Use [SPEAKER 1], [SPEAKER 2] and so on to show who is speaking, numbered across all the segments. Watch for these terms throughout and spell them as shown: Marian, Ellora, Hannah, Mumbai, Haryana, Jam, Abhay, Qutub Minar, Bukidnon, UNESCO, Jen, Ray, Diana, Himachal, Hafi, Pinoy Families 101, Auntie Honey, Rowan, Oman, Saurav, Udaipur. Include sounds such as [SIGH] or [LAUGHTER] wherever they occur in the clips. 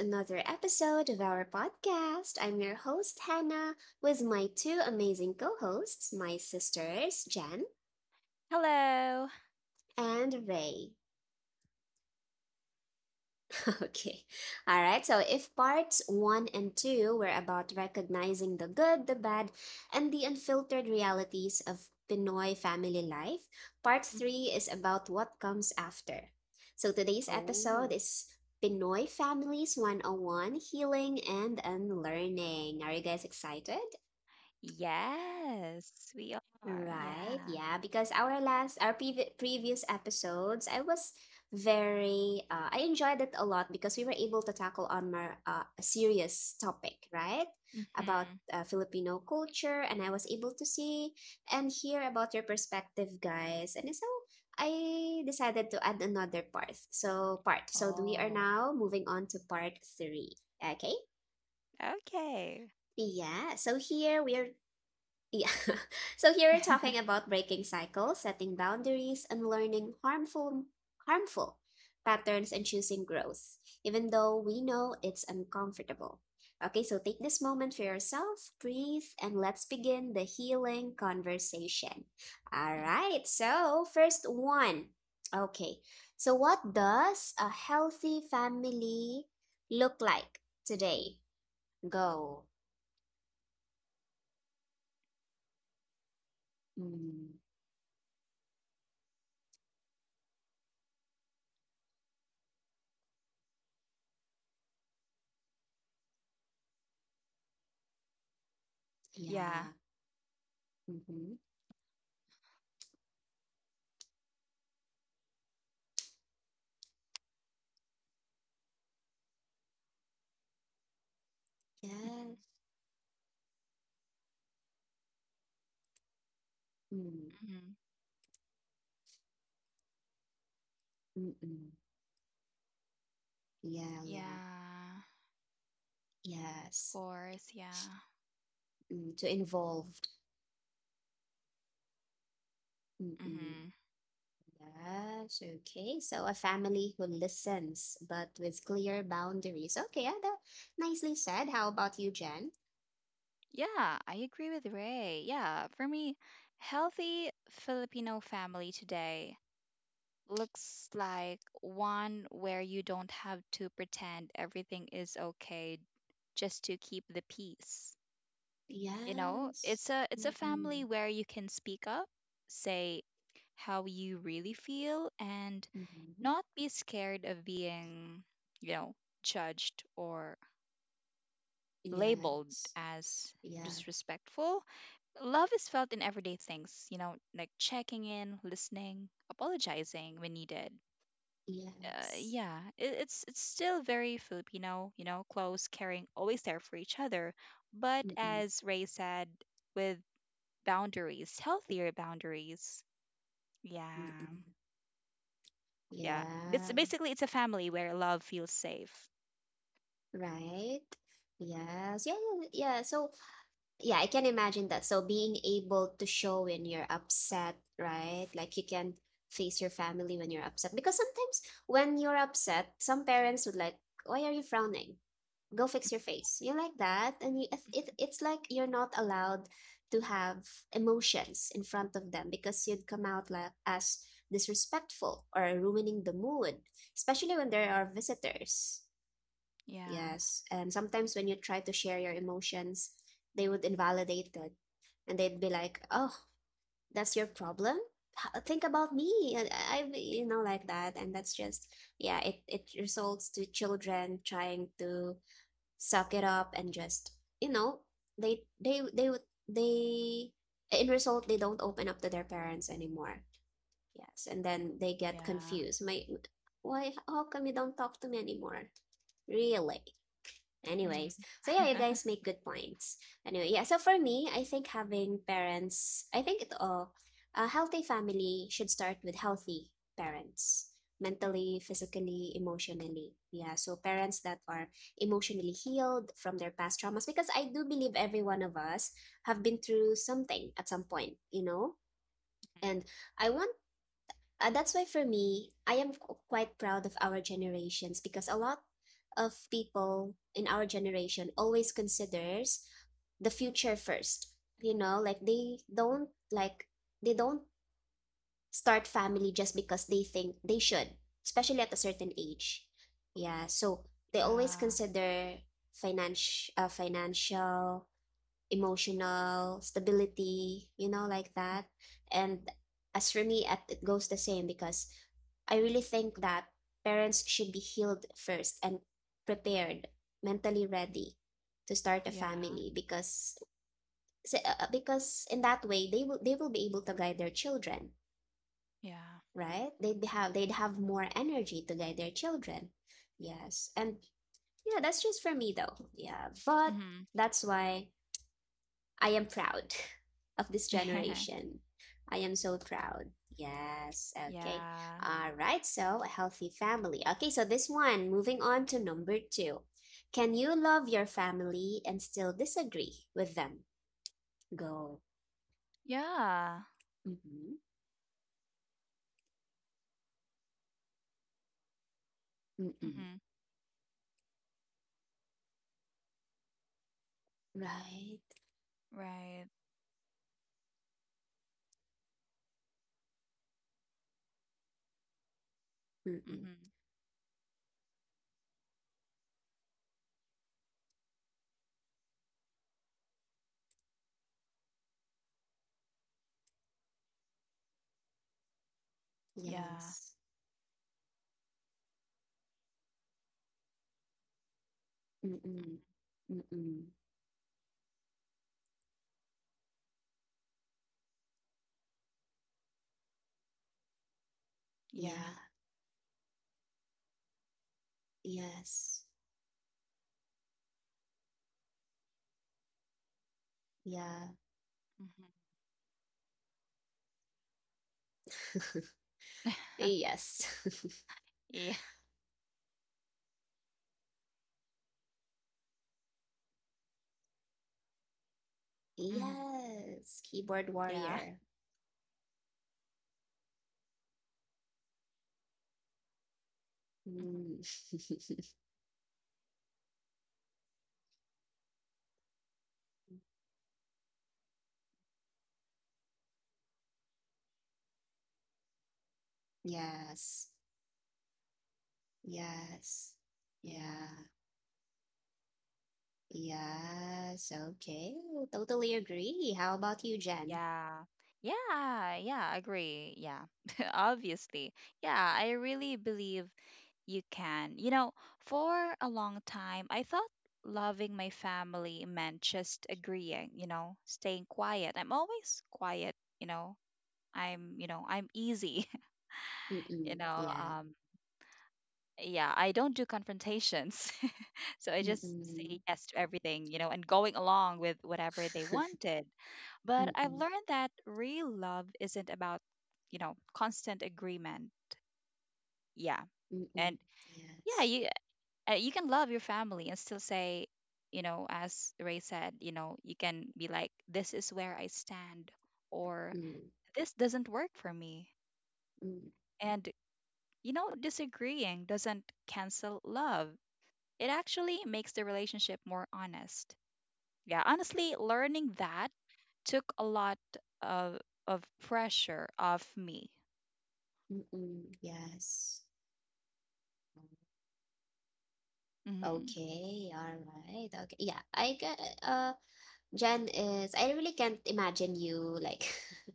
[SPEAKER 1] another episode of our podcast. I'm your host, Hannah, with my two amazing co hosts, my sisters, Jen
[SPEAKER 2] Hello.
[SPEAKER 1] and Ray. [LAUGHS] Okay. All right. So if parts one and two were about recognizing the good, the bad, and the unfiltered realities of Pinoy family life, part
[SPEAKER 2] Mm.
[SPEAKER 1] three is about what comes after. So today's episode
[SPEAKER 2] Oh.
[SPEAKER 1] is Pinoy Families 101 Healing and Unlearning. Are you guys excited?
[SPEAKER 2] Yes, we are.
[SPEAKER 1] Right,
[SPEAKER 2] Yeah.
[SPEAKER 1] yeah, because our last, our previ- previous episodes, I enjoyed it a lot because we were able to tackle on more a serious topic, right? About
[SPEAKER 2] Mm-hmm.
[SPEAKER 1] Filipino culture, and I was able to see and hear about your perspective, guys. And so I decided to add another part. So we are
[SPEAKER 2] Oh.
[SPEAKER 1] now moving on to part three. Okay.
[SPEAKER 2] Okay.
[SPEAKER 1] Yeah, so here we are, yeah. [LAUGHS] So here we're talking about breaking cycles, setting boundaries, and learning harmful patterns and choosing growth, even though we know it's uncomfortable. Okay, so take this moment for yourself, breathe, and let's begin the healing conversation. All
[SPEAKER 2] Mm.
[SPEAKER 1] right. So, first one. Okay. So what does a healthy family look like today? Go. Mm,
[SPEAKER 2] Yeah.
[SPEAKER 1] yeah. Mhm.
[SPEAKER 2] Mm-hmm.
[SPEAKER 1] Yes. Mm,
[SPEAKER 2] Mm-hmm.
[SPEAKER 1] mm-mm. Yeah, yeah.
[SPEAKER 2] Yeah. Of
[SPEAKER 1] Yes.
[SPEAKER 2] course. Yeah.
[SPEAKER 1] Mm, to involved. Mm-mm.
[SPEAKER 2] Mm-hmm.
[SPEAKER 1] Yes. Okay. So a family who listens but with clear boundaries. Okay. Yeah, that nicely said. How about you, Jen?
[SPEAKER 2] Yeah, I agree with Ray. Yeah, for me, healthy Filipino family today looks like one where you don't have to pretend everything is okay just to keep the peace. you know it's
[SPEAKER 1] Yes.
[SPEAKER 2] a it's a family
[SPEAKER 1] Mm-mm.
[SPEAKER 2] where you can speak up, say how you really feel, and
[SPEAKER 1] Mm-hmm.
[SPEAKER 2] not be scared of being you know judged or labeled
[SPEAKER 1] Yes.
[SPEAKER 2] as
[SPEAKER 1] Yeah.
[SPEAKER 2] disrespectful. Love is felt in everyday things, like checking in, listening, apologizing when needed.
[SPEAKER 1] Yes.
[SPEAKER 2] Yeah, it's still very Filipino, close, caring, always there for each other, but
[SPEAKER 1] Mm-mm.
[SPEAKER 2] as Ray said, with boundaries, healthier boundaries. Yeah.
[SPEAKER 1] Mm-mm.
[SPEAKER 2] Yeah.
[SPEAKER 1] Yeah.
[SPEAKER 2] It's a family where love feels safe.
[SPEAKER 1] Right. Yes. Yeah. Yeah. Yeah. So yeah, I can imagine that. So being able to show when you're upset, right? Like you can face your family when you're upset. Because sometimes when you're upset, some parents would like, "Why are you frowning? Go fix your face." You like that, and
[SPEAKER 2] Mhm.
[SPEAKER 1] it's like you're not allowed to have emotions in front of them because you'd come out like as disrespectful or ruining the mood, especially when there are visitors.
[SPEAKER 2] Yeah.
[SPEAKER 1] Yes, and sometimes when you try to share your emotions, they would invalidate it and they'd be like, "Oh, that's your problem? Think about me." And I like that, and that's just, yeah, it results to children trying to suck it up and just you know they would, they in result, they don't open up to their parents anymore. Yes, and then they get
[SPEAKER 2] Yeah.
[SPEAKER 1] confused. My, why? How come you don't talk to me anymore? Really?
[SPEAKER 2] Mhm.
[SPEAKER 1] Anyways, so yeah, you
[SPEAKER 2] Mhm,
[SPEAKER 1] guys make good points. Anyway, yeah, so for me, I think having parents, I think it all, a healthy family should start with healthy parents,
[SPEAKER 2] mhm.
[SPEAKER 1] mentally, physically, emotionally. Yeah, so parents that are emotionally healed from their past traumas, because I do believe every one of us have been through something at some point, you know? And
[SPEAKER 2] [LAUGHS]
[SPEAKER 1] I want that's why for me, I am quite proud of our generations because a lot of people in our generation always considers the future first. You know, like they don't start family just because they think they should, especially at a certain age. Yeah, so they always
[SPEAKER 2] Yeah.
[SPEAKER 1] consider financial emotional stability, you know, like
[SPEAKER 2] Mhm.
[SPEAKER 1] that. And as for me, it goes the same because I really think that parents should be healed first and prepared, mentally ready to start a
[SPEAKER 2] Yeah.
[SPEAKER 1] family, because in that way they will be able to guide their children,
[SPEAKER 2] Yeah.
[SPEAKER 1] right? They'd have more energy to guide their children. Yes. And yeah, that's just for me though. Yeah. But
[SPEAKER 2] Mhm.
[SPEAKER 1] that's why I am proud of this
[SPEAKER 2] [LAUGHS]
[SPEAKER 1] generation. I am so proud. Yes. Okay.
[SPEAKER 2] Yeah.
[SPEAKER 1] All right. So, a healthy family. Okay. So, this one, moving on to number two. Can you love your family and still disagree with them? Go.
[SPEAKER 2] Yeah.
[SPEAKER 1] Mm-mm. Mm-mm.
[SPEAKER 2] Mhm.
[SPEAKER 1] Right.
[SPEAKER 2] Right.
[SPEAKER 1] Mm-mm.
[SPEAKER 2] Mhm. Yeah.
[SPEAKER 1] Yes.
[SPEAKER 2] Mhm.
[SPEAKER 1] Mm-mm. Mm-mm.
[SPEAKER 2] Yeah.
[SPEAKER 1] Yeah. Yes. Yeah.
[SPEAKER 2] Mhm.
[SPEAKER 1] [LAUGHS]
[SPEAKER 2] [LAUGHS]
[SPEAKER 1] Yes.
[SPEAKER 2] Yeah.
[SPEAKER 1] [LAUGHS]
[SPEAKER 2] Mhm.
[SPEAKER 1] Yes. Keyboard
[SPEAKER 2] Yeah.
[SPEAKER 1] warrior.
[SPEAKER 2] Mhm.
[SPEAKER 1] Mm. [LAUGHS] Yes. Yes. Yeah.
[SPEAKER 2] Yeah.
[SPEAKER 1] Yes. Okay. Totally agree. How about you, Jen?
[SPEAKER 2] Yeah. Yeah, yeah, agree. Yeah. [LAUGHS] Obviously. Yeah, I really believe you can. You know, for a long time, I thought loving my family meant just agreeing, you know, staying quiet. I'm always quiet, you know. You know, I'm easy, [LAUGHS] you
[SPEAKER 1] Mm-mm.
[SPEAKER 2] know.
[SPEAKER 1] Yeah.
[SPEAKER 2] Yeah, I don't do confrontations. [LAUGHS] So I just
[SPEAKER 1] Mm-mm.
[SPEAKER 2] say yes to everything, you know, and going along with whatever they
[SPEAKER 1] [LAUGHS]
[SPEAKER 2] wanted. But I've
[SPEAKER 1] Mm-mm.
[SPEAKER 2] learned that real love isn't about, you know, constant agreement. Yeah.
[SPEAKER 1] Mm-mm.
[SPEAKER 2] And yeah,
[SPEAKER 1] Yes.
[SPEAKER 2] you can love your family and still say, you know, as Ray said, you know, you can be like, this is where I stand, or
[SPEAKER 1] Mm.
[SPEAKER 2] this doesn't work for me.
[SPEAKER 1] Mm.
[SPEAKER 2] And you know, disagreeing doesn't cancel love. It actually makes the relationship more honest. Yeah, honestly, learning that took a lot of of pressure off me.
[SPEAKER 1] Mm-mm. Yes.
[SPEAKER 2] Mhm.
[SPEAKER 1] Okay. All right. Okay. Yeah. I get. Uh. I really can't imagine you like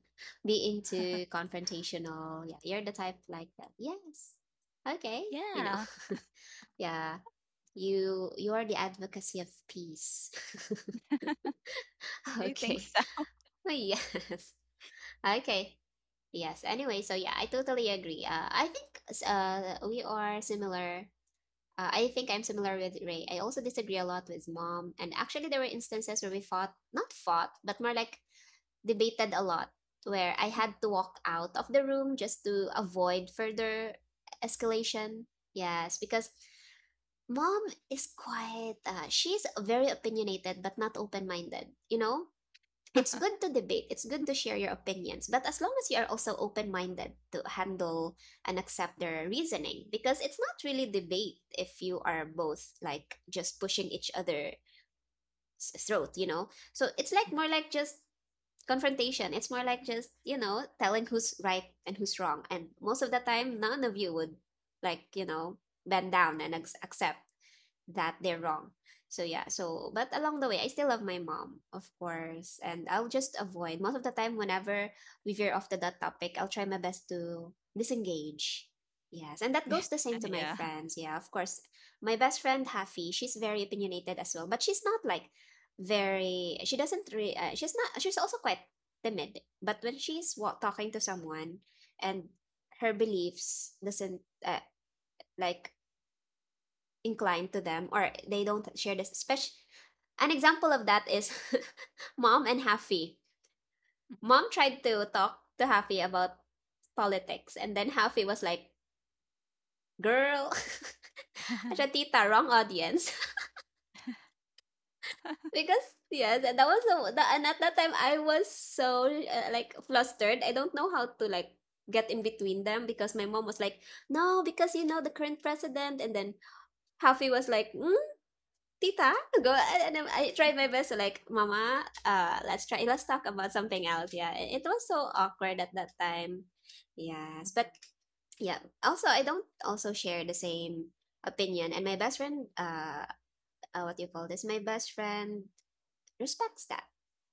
[SPEAKER 1] [LAUGHS] being too confrontational. Yeah, you're the type like that. Yes. Okay. You know.
[SPEAKER 2] Yeah,
[SPEAKER 1] [LAUGHS] Yeah. You are the advocacy of peace. [LAUGHS]
[SPEAKER 2] I think
[SPEAKER 1] Okay.
[SPEAKER 2] so.
[SPEAKER 1] Oh, yes. Okay. Yes. Anyway, so yeah, I totally agree. I think we are similar. I think I'm similar with Ray. I also disagree a lot with mom. And actually, there were instances where we fought, not fought, but more like debated a lot where I had to walk out of the room just to avoid further escalation. Yes, because mom is she's very opinionated but not open minded. You know, it's good to debate, it's good to share your opinions, but as long as you are also open minded to handle and accept their reasoning, because it's not really debate if you are both like just pushing each other's throat, you know? So it's like
[SPEAKER 2] Mm.
[SPEAKER 1] more like just confrontation. It's more like just, telling who's right and who's wrong. And most of the time, none of you would, like, bend down and accept that they're wrong. So yeah, so but along the way, I still love my mom, of course, and I'll just avoid most of the time. Whenever we veer off to that topic, I'll try my best to disengage. Yes, and that goes
[SPEAKER 2] [LAUGHS]
[SPEAKER 1] the same to my
[SPEAKER 2] Yeah.
[SPEAKER 1] friends. Yeah, of course, my best friend Hafi, she's very opinionated as well, but she's not like very. She doesn't. She's not. She's also quite timid. But when she's talking to someone, and her beliefs doesn't like inclined to them or they don't share this, especially an example of that is [LAUGHS] mom and Hafi. Mom tried to talk to Hafi about politics, and then Hafi was like, "Girl, [LAUGHS]
[SPEAKER 2] [LAUGHS]
[SPEAKER 1] tita, wrong audience." [LAUGHS] Because, yes, that was the and at that time I was so like flustered. I don't know how to like get in between them because my mom was like, "No, because you know the current president," and then Hafi was like, mm, tita go and then I tried my best to like, mama, let's talk about something else, yeah. It was so awkward at that time. Yes,
[SPEAKER 2] Mhm.
[SPEAKER 1] but yeah, also I don't also share the same opinion, and my best friend what do you call this, my best friend respects that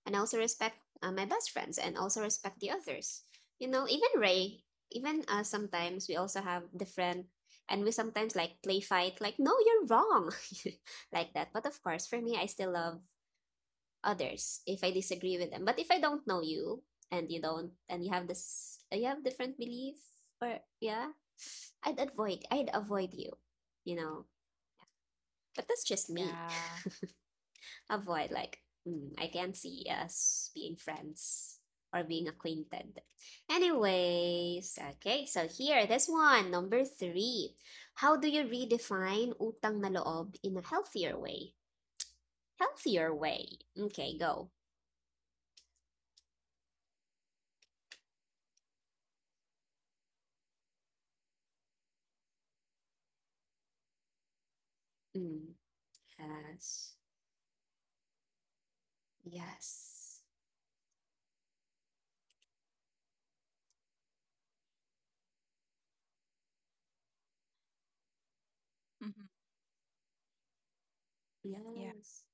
[SPEAKER 1] and also respect my best friends and also respect the others, you know, even Ray, even sometimes we also have different, and we sometimes like play fight, like no you're wrong [LAUGHS] like that. But of course, for me, I still love others if I disagree with them. But if I don't know you and you don't, and you have different belief, or yeah, I'd avoid you, you know but that's just me,
[SPEAKER 2] Yeah.
[SPEAKER 1] avoid, like, I can't see us being friends or being acquainted. Anyways, okay, so here, this one, number three. How do you redefine utang na loob in a healthier way? Healthier way. Okay, go. Mm, yes. Yes.
[SPEAKER 2] Mhm. Yeah.
[SPEAKER 1] Yes.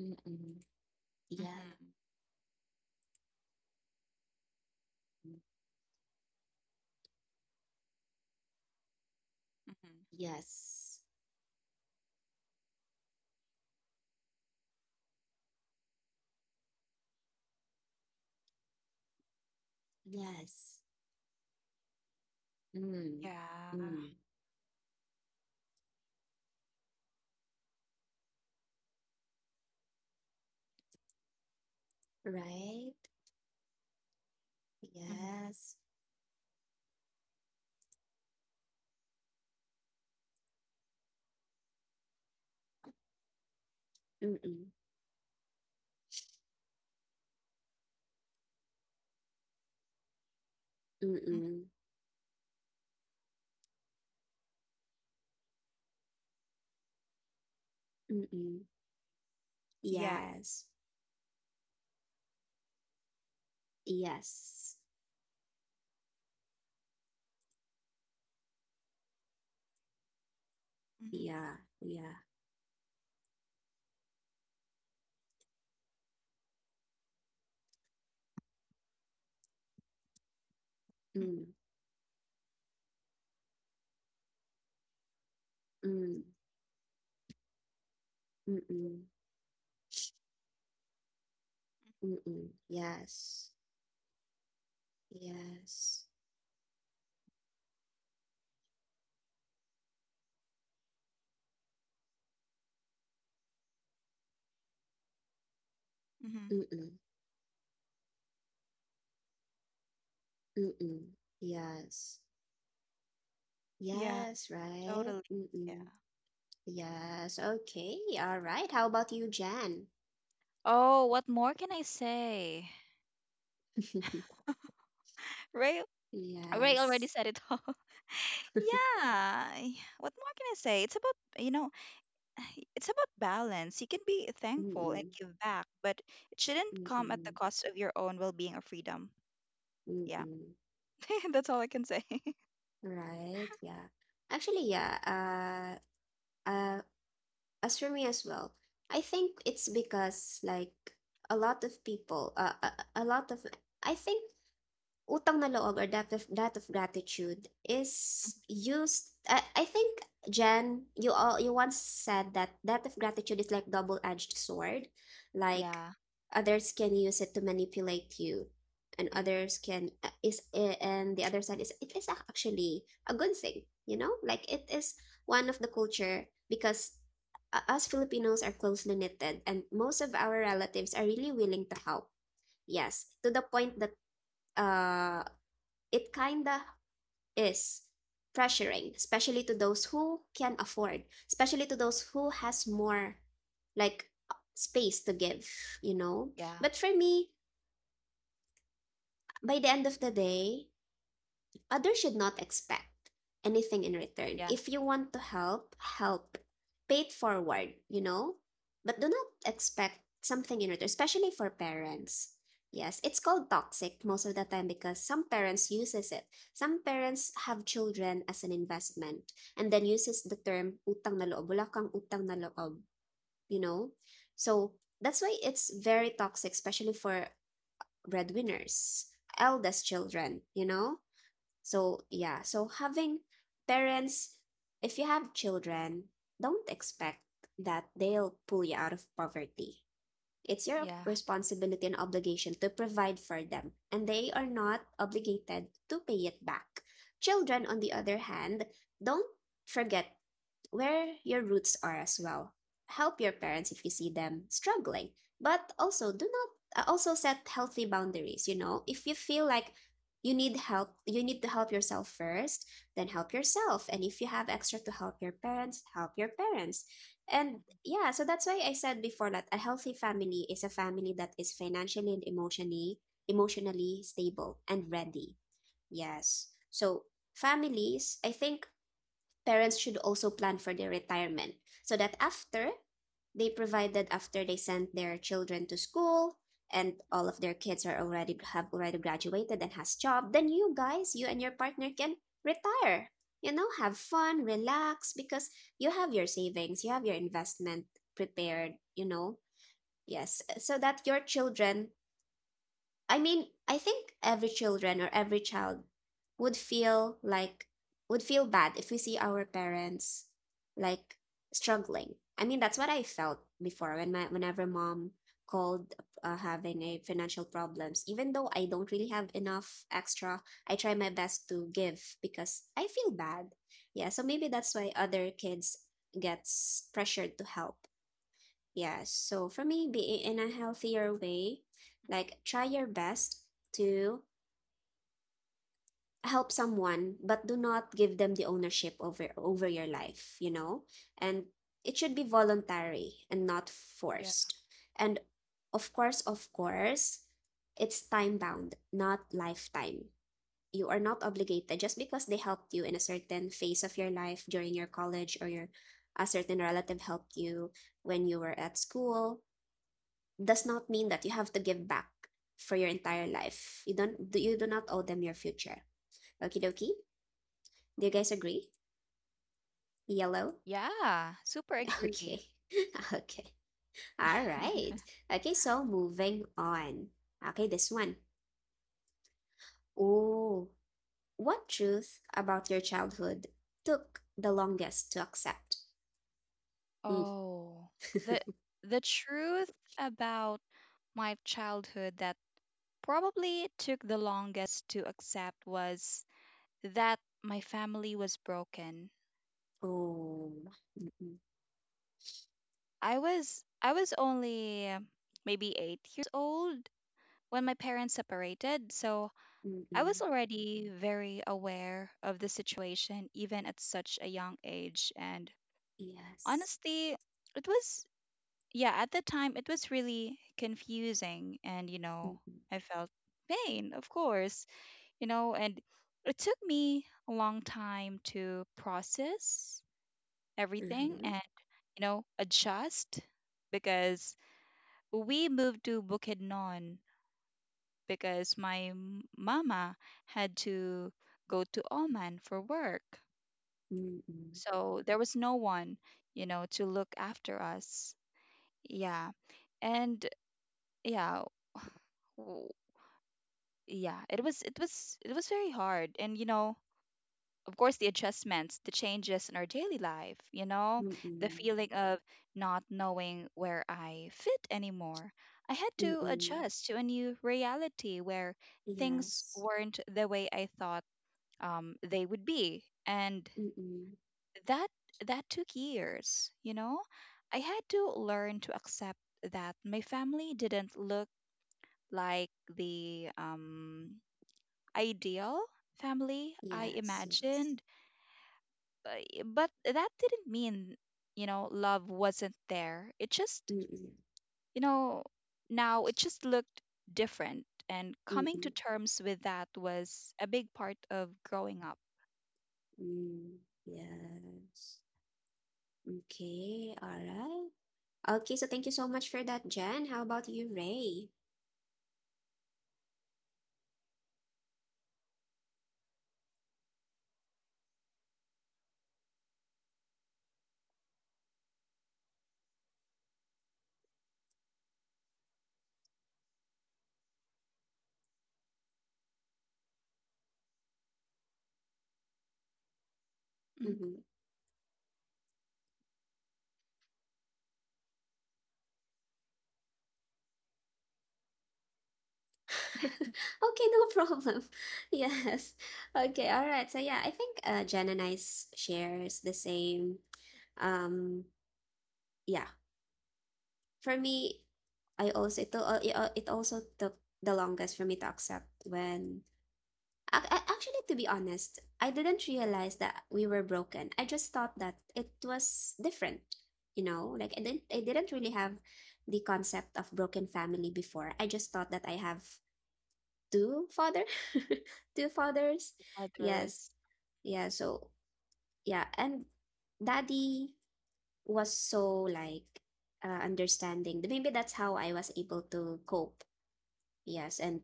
[SPEAKER 1] Mm-mm. Yeah.
[SPEAKER 2] Mhm.
[SPEAKER 1] Mm,
[SPEAKER 2] Mhm.
[SPEAKER 1] yes. Yes. Mm.
[SPEAKER 2] Yeah.
[SPEAKER 1] Mm. Right?
[SPEAKER 2] Mhm.
[SPEAKER 1] Yes. Mm-mm.
[SPEAKER 2] Mhm.
[SPEAKER 1] Mm-mm. Mm-mm.
[SPEAKER 2] Yeah.
[SPEAKER 1] Yes. Yes.
[SPEAKER 2] Mhm.
[SPEAKER 1] Yeah. Yeah.
[SPEAKER 2] Mhm.
[SPEAKER 1] Mm. Mm. Mm-mm. Mm-mm. Yes. Yes.
[SPEAKER 2] Mhm.
[SPEAKER 1] Mm-mm. Mm-mm. Yes.
[SPEAKER 2] Yeah,
[SPEAKER 1] Yes, right?
[SPEAKER 2] totally. Yeah.
[SPEAKER 1] Mm-mm. Yes. Okay. All right. How about you, Jan?
[SPEAKER 2] Oh, what more can I say?
[SPEAKER 1] [LAUGHS]
[SPEAKER 2] [LAUGHS] Ray Ray already
[SPEAKER 1] Yes.
[SPEAKER 2] said it all. [LAUGHS]
[SPEAKER 1] [LAUGHS]
[SPEAKER 2] Yeah. What more can I say? It's about, you know, [SIGHS] it's about balance. You can be thankful and
[SPEAKER 1] Mm-mm.
[SPEAKER 2] give back, but it shouldn't come at the
[SPEAKER 1] Mm-mm.
[SPEAKER 2] cost of your own well-being or freedom. Yeah.
[SPEAKER 1] Mm-mm.
[SPEAKER 2] [LAUGHS] That's all I can say.
[SPEAKER 1] Right. Yeah. Actually, yeah. Uh, As for me as well, I think it's because like a lot of people, I think utang na loob or debt of gratitude
[SPEAKER 2] Mhm.
[SPEAKER 1] is used. I think Jen, you once said that debt of gratitude is like double-edged sword, like
[SPEAKER 2] Yeah.
[SPEAKER 1] others can use it to manipulate you, and
[SPEAKER 2] Mm.
[SPEAKER 1] others can is and the other side is, it is actually a good thing, like it is one of the culture because us Filipinos are closely knitted and most of our relatives are really willing to help. Yes, to the point that uh it kinda is pressuring, especially to those who can afford, especially to those who has more like space to give, you know
[SPEAKER 2] Yeah.
[SPEAKER 1] but for me, by the end of the day, others should not expect anything in return.
[SPEAKER 2] Yeah.
[SPEAKER 1] If you want to help, help. Pay it forward, you know? But do not expect something in return, especially for parents. Yes, it's called toxic most of the time because some parents uses it. Some parents have children as an investment and then uses the term utang na loob. Wala kang utang na loob, you know? So that's why it's very toxic, especially for breadwinners, eldest children, you know? So, yeah, so having parents, if you have children, don't expect that they'll pull you out of poverty. It's your
[SPEAKER 2] Yeah.
[SPEAKER 1] responsibility and obligation to provide for them, and they are not obligated to pay it back. Children, on the other hand, don't forget where your roots are as well. Help your parents if you see them struggling, but also do not also set healthy boundaries, you know? If you feel like you need help, you need to help yourself first, then help yourself. And if you have extra to help your parents, help your parents. And yeah, so that's why I said before that a healthy family is a family that is financially and emotionally stable and ready. Yes. So families, I think parents should also plan for their retirement so that after they sent their children to school, and all of their kids are already have already graduated and has job, then you and your partner can retire, have fun, relax, because you have your savings, you have your investment prepared, yes, so that your children, I mean, I think every children or every child would feel like would feel bad if we see our parents like struggling. I mean, that's what I felt before when my whenever mom called, having a financial problems. Even though I don't really have enough extra, I try my best to give because I feel bad. Yeah, so maybe that's why other kids gets pressured to help. Yes. So for me, being in a healthier way, like try your best to help someone, but do not give them the ownership over your life, you know? And it should be voluntary and not
[SPEAKER 2] Yeah.
[SPEAKER 1] forced. And of course, it's time bound, not lifetime. You are not obligated just because they helped you in a certain phase of your life during your college, or your a certain relative helped you when you were at school, does not mean that you have to give back for your entire life. You do not owe them your future. Okie dokie. Do you guys agree? Yellow?
[SPEAKER 2] Yeah. Super agree.
[SPEAKER 1] Okay. [LAUGHS] Okay. All right.
[SPEAKER 2] [LAUGHS]
[SPEAKER 1] Okay, so moving on. Okay, this one. Oh, what truth about your childhood took the longest to accept? Mm.
[SPEAKER 2] Oh, the
[SPEAKER 1] [LAUGHS]
[SPEAKER 2] the truth about my childhood that probably took the longest to accept was that my family was broken.
[SPEAKER 1] Oh, mm-mm,
[SPEAKER 2] I was only maybe 8 years old when my parents separated, so I
[SPEAKER 1] mm-mm,
[SPEAKER 2] was already very aware of the situation even at such a young age. And
[SPEAKER 1] yes.
[SPEAKER 2] honestly, it was, yeah, at the time, it was really confusing. And, you know,
[SPEAKER 1] Mm-mm,
[SPEAKER 2] I felt pain, of course, you know, and it took me a long time to process everything
[SPEAKER 1] uh-huh.
[SPEAKER 2] and, you know, adjust because we moved to Bukidnon because my mama had to go to Oman for work.
[SPEAKER 1] Mm-mm,
[SPEAKER 2] So there was no one, you know, to look after us. Yeah. And yeah, w- yeah, it was it was very hard. And you know, of course the adjustments, the changes in our daily life, you know, the
[SPEAKER 1] mm-mm,
[SPEAKER 2] feeling of not knowing where I fit anymore. I had to
[SPEAKER 1] mm-mm,
[SPEAKER 2] adjust to a new reality where things
[SPEAKER 1] yes.
[SPEAKER 2] weren't the way I thought they would be, and
[SPEAKER 1] Mm-mm.
[SPEAKER 2] that that took years. You know, I had to learn to accept that my family didn't look like the ideal family I
[SPEAKER 1] Yes, yes.
[SPEAKER 2] imagined, but, but that didn't mean, you know, love wasn't there. It just,
[SPEAKER 1] Mm-mm.
[SPEAKER 2] you know, now it just looked different, and coming to
[SPEAKER 1] Mm-mm.
[SPEAKER 2] terms with that was a big part of growing up.
[SPEAKER 1] Mm. Yes. Okay, all right. Okay, so thank you so much for that, Jen. How about you, Ray?
[SPEAKER 2] Mhm.
[SPEAKER 1] Mm-hmm. [LAUGHS] Okay, no problem. [LAUGHS] Yes. Okay, all right. So yeah, I think Jen and I shares the same. Um, yeah. For me, I also it also took the longest for me to accept Actually, to be honest, I didn't realize that we were broken. I just thought that it was different, you know? Like I didn't really have the concept of broken family before. I just thought that I have two father, [LAUGHS] two fathers.
[SPEAKER 2] With
[SPEAKER 1] Yes.
[SPEAKER 2] others,
[SPEAKER 1] Yeah, so yeah, and daddy was so like understanding. Maybe that's how I was able to cope. Yes, and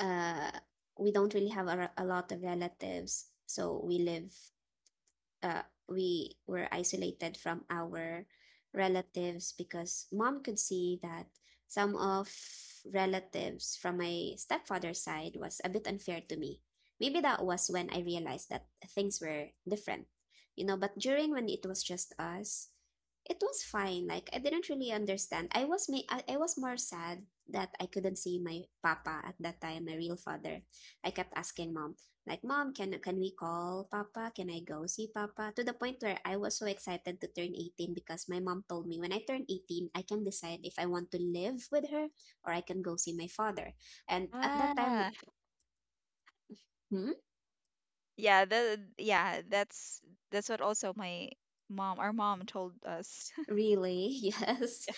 [SPEAKER 1] uh, we don't really have a lot of relatives, so we were isolated from our relatives because mom could see that some of relatives from my stepfather's side was a bit unfair to me. Maybe that was when I realized that things were different, but during when it was just us, it was fine. Like I didn't really understand. I was more sad that I couldn't see my papa at that time, my real father. I kept asking mom, like, mom, can we call papa, can I go see papa, to the point where I was so excited to turn 18 because my mom told me when I turn 18, I can decide if I want to live with her or I can go see my father. And at that time,
[SPEAKER 2] yeah.
[SPEAKER 1] hmm,
[SPEAKER 2] Yeah, the yeah, that's what also my mom, our mom told us. [LAUGHS]
[SPEAKER 1] really? [LAUGHS] Yes.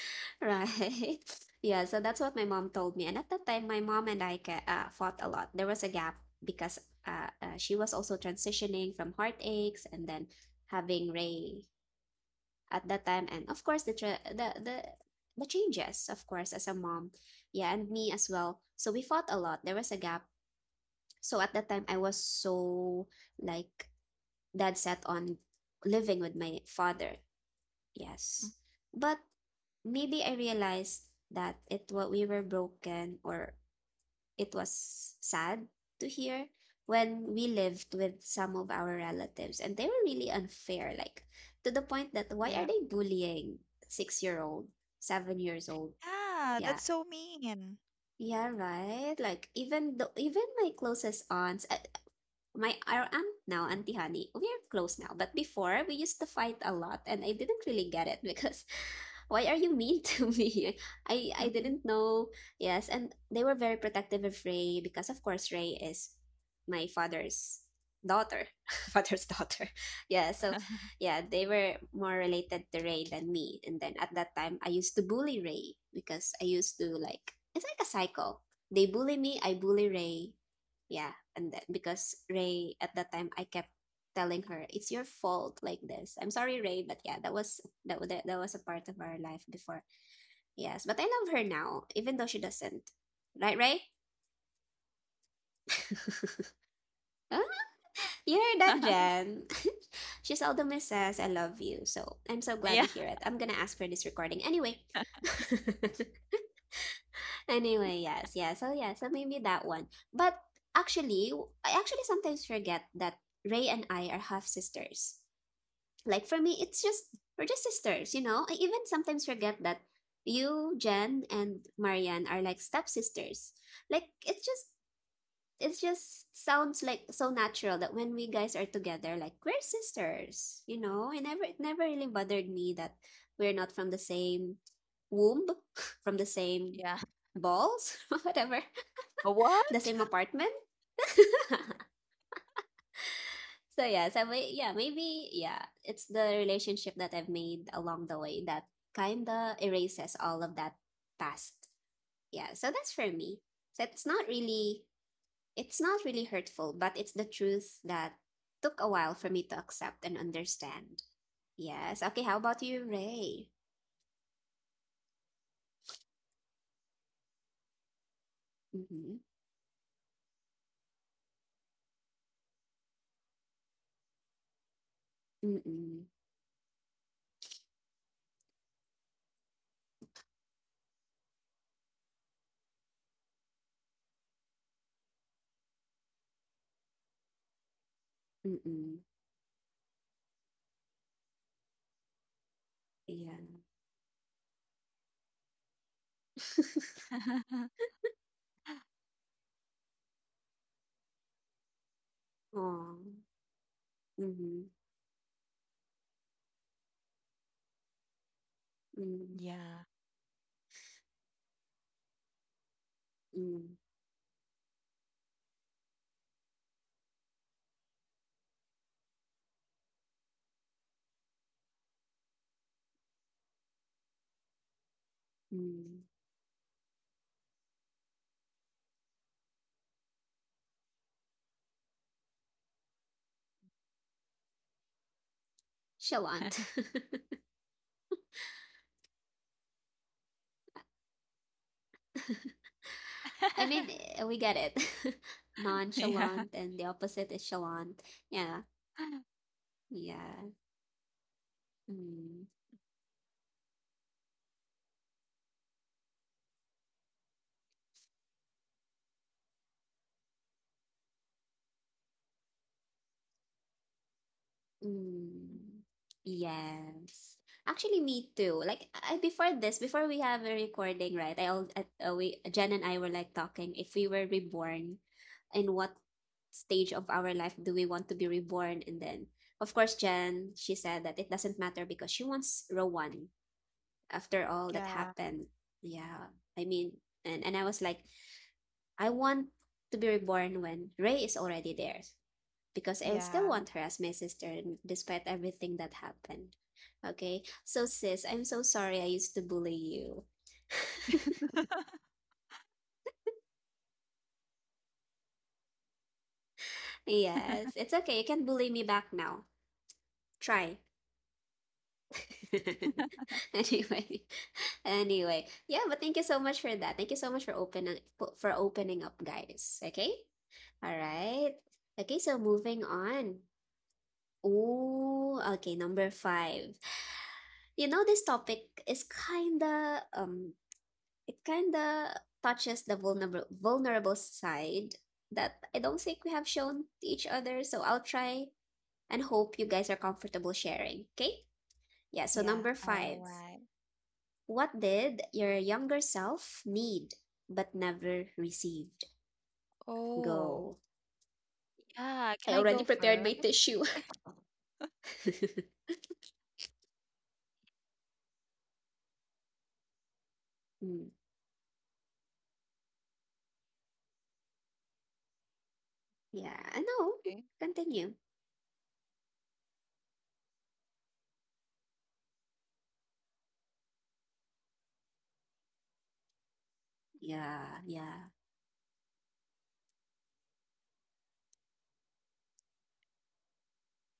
[SPEAKER 1] Right. Yeah, so that's what my mom told me. And at that time, my mom and I fought a lot. There was a gap because she was also transitioning from heartaches and then having Ray at that time, and of course the changes, of course, as a mom, yeah, and me as well. So we fought a lot. There was a gap. So at that time, I was so like dead set on living with my father.
[SPEAKER 2] Mm.
[SPEAKER 1] Yes, but maybe I realized that it what we were broken, or it was sad to hear when we lived with some of our relatives and they were really unfair, like to the point that, why
[SPEAKER 2] Yeah.
[SPEAKER 1] are they bullying 6 year old, 7 years old?
[SPEAKER 2] Yeah,
[SPEAKER 1] Yeah,
[SPEAKER 2] that's so mean.
[SPEAKER 1] yeah, right. Like even my closest aunts, my our aunt now, Auntie Honey, we're close now. But before we used to fight a lot, and I didn't really get it because [LAUGHS] why are you mean to me? [LAUGHS] I didn't
[SPEAKER 2] [LAUGHS]
[SPEAKER 1] know. Yes, and they were very protective of Ray because of course Ray is my father's daughter. [LAUGHS] father's daughter. [LAUGHS] Yeah, so yeah, they were more related to Ray than me. And then at that time, I used to bully Ray because I used to like, it's like a cycle. They bully me, I bully Ray. Yeah, and then because Ray at that time, I kept telling her it's your fault like this. I'm sorry Ray, but yeah, that was a part of our life before. Yes, but I love her now even though she doesn't. Right, Ray? Huh? You heard that, Jen? [LAUGHS] She seldom says [LAUGHS] I love you. So I'm so glad
[SPEAKER 2] Yeah.
[SPEAKER 1] we hear it. I'm going to ask for this recording anyway. [LAUGHS] Anyway, yes, yeah. So yeah, so maybe that one. But actually, I actually sometimes forget that Ray and I are half sisters. Like for me, it's just we're just sisters, you know? I even sometimes forget that you, Jen, and Marianne are like stepsisters. Like it just sounds like so natural that when we guys are together, like we're sisters, you know? I never It never really bothered me that we're not from the same womb [LAUGHS] from the same
[SPEAKER 2] Yeah.
[SPEAKER 1] balls [LAUGHS] whatever
[SPEAKER 2] A
[SPEAKER 1] the
[SPEAKER 2] what?
[SPEAKER 1] same apartment [LAUGHS] So yeah, so maybe it's the relationship that I've made along the way that kinda erases all of that past. Yeah, so that's for me. So it's not really hurtful, but it's the truth that took a while for me to accept and understand. Yes. Okay. How about you, Ray? Mm-hmm. Mm-mm. Mm-mm. Yeah.
[SPEAKER 2] [LAUGHS]
[SPEAKER 1] Aww. Mm-hmm.
[SPEAKER 2] Yeah.
[SPEAKER 1] Mm-hmm. Mm-hmm. Chalant. [LAUGHS] I mean,
[SPEAKER 2] [LAUGHS]
[SPEAKER 1] we get it. [LAUGHS]
[SPEAKER 2] Yeah.
[SPEAKER 1] Nonchalant and the opposite is chalant. Yeah.
[SPEAKER 2] [LAUGHS]
[SPEAKER 1] Yeah. Mm. Mm. Yes. Actually, me too. Like, I before this, before we have a recording, right? I all at we Jen and I were like talking if we were reborn, in what stage of our life do we want to be reborn? And then, of course, Jen, she said that it doesn't matter because she wants Rowan after all that
[SPEAKER 2] Yeah.
[SPEAKER 1] happened. Yeah. I mean, and I was like, I want to be reborn when Ray is already there because I still
[SPEAKER 2] Yeah.
[SPEAKER 1] want her as my sister despite everything that happened. Okay, so sis, I'm so sorry I used to bully you. Yes,
[SPEAKER 2] [LAUGHS]
[SPEAKER 1] it's okay. You can bully me back now. Try. [LAUGHS] anyway, anyway, yeah. But thank you so much for that. Thank you so much for opening up, guys. Okay. All right. Okay. So moving on. Oh, okay. Number 5. You know, this topic is kinda it kinda touches the vulnerable side that I don't think we have shown to each other, so I'll try and hope you guys are comfortable sharing, okay? Yeah, so
[SPEAKER 2] Yeah.
[SPEAKER 1] number 5.
[SPEAKER 2] All right.
[SPEAKER 1] What did your younger self need but never received?
[SPEAKER 2] Oh,
[SPEAKER 1] Go.
[SPEAKER 2] yeah. Can
[SPEAKER 1] I
[SPEAKER 2] I
[SPEAKER 1] already
[SPEAKER 2] go
[SPEAKER 1] prepared my
[SPEAKER 2] first?
[SPEAKER 1] tissue. [LAUGHS] Mm, yeah, I know.
[SPEAKER 2] Okay.
[SPEAKER 1] Continue. Yeah, yeah.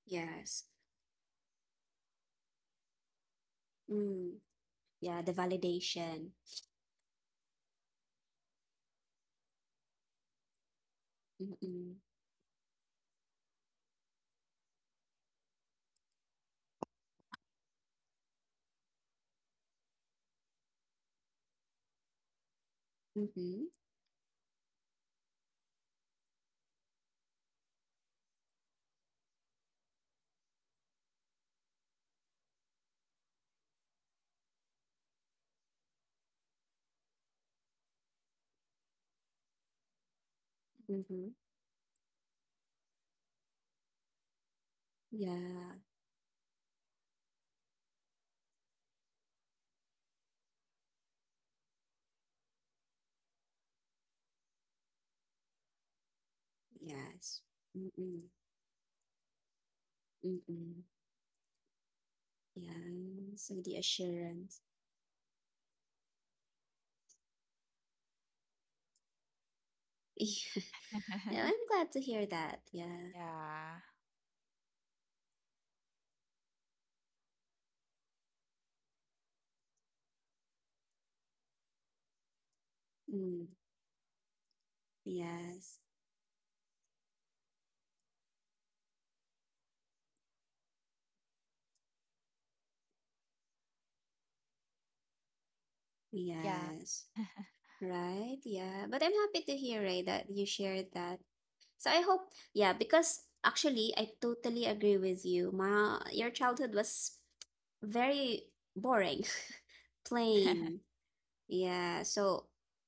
[SPEAKER 1] Yes. Mm, yeah, the validation. Mm-mm. Mm-hmm. Mm-hmm. Yeah. Yes. Mm-mm. Mm-mm. Yeah. So the assurance. [LAUGHS] Yeah. Yeah, I'm
[SPEAKER 2] [LAUGHS]
[SPEAKER 1] glad to hear that. Yeah.
[SPEAKER 2] Yeah.
[SPEAKER 1] Mm. Yes.
[SPEAKER 2] Yeah.
[SPEAKER 1] Yes. Right. Yeah. But I'm happy to hear, Ray, that you shared that. So I hope, yeah, because actually I totally agree with you. Ma, your childhood was very boring, [LAUGHS] plain.
[SPEAKER 2] [LAUGHS]
[SPEAKER 1] Yeah, so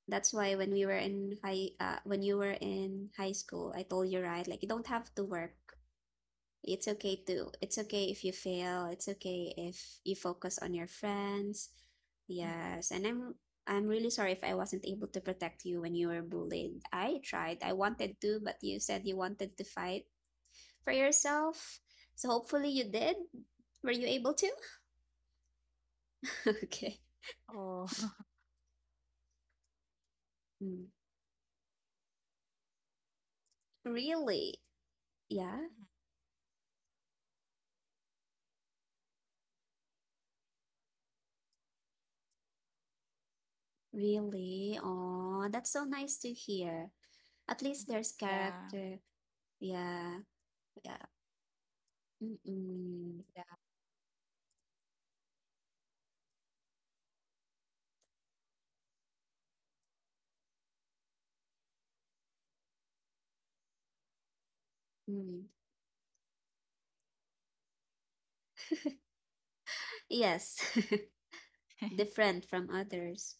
[SPEAKER 1] that's why when you were in high school, I told you right, like you don't have to work. It's okay if you fail. It's okay if you focus on your friends.
[SPEAKER 2] Mhm.
[SPEAKER 1] Yes, and I'm really sorry if I wasn't able to protect you when you were bullied. I tried. I wanted to, but you said you wanted to fight for yourself. So hopefully you did. Were you able to? [LAUGHS] Okay.
[SPEAKER 2] Oh. [LAUGHS]
[SPEAKER 1] Mm. Really? Yeah.
[SPEAKER 2] Mhm.
[SPEAKER 1] Really? Oh, that's so nice to hear. At least there's
[SPEAKER 2] Yeah.
[SPEAKER 1] character. Yeah, yeah. Mm-mm. Mm. Yes, [LAUGHS] different from others.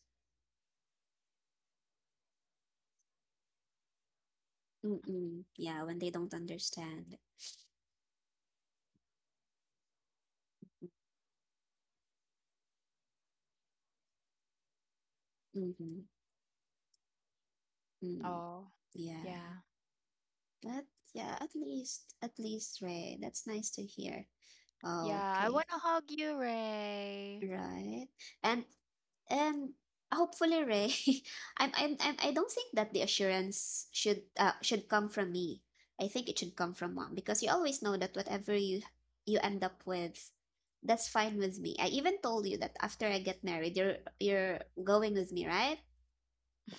[SPEAKER 1] Mm-mm. Yeah, when they don't understand. Mm-hmm. Mm.
[SPEAKER 2] Oh,
[SPEAKER 1] Yeah.
[SPEAKER 2] yeah.
[SPEAKER 1] But yeah, at least, right? That's nice to hear.
[SPEAKER 2] Yeah,
[SPEAKER 1] Oh,
[SPEAKER 2] I
[SPEAKER 1] okay,
[SPEAKER 2] want to hug you, Ray.
[SPEAKER 1] right. And Um, Hopefully, Ray. [LAUGHS] I don't think that the assurance should come from me. I think it should come from mom because you always know that whatever you end up with, that's fine with me. I even told you that after I get married, you're going with me, right?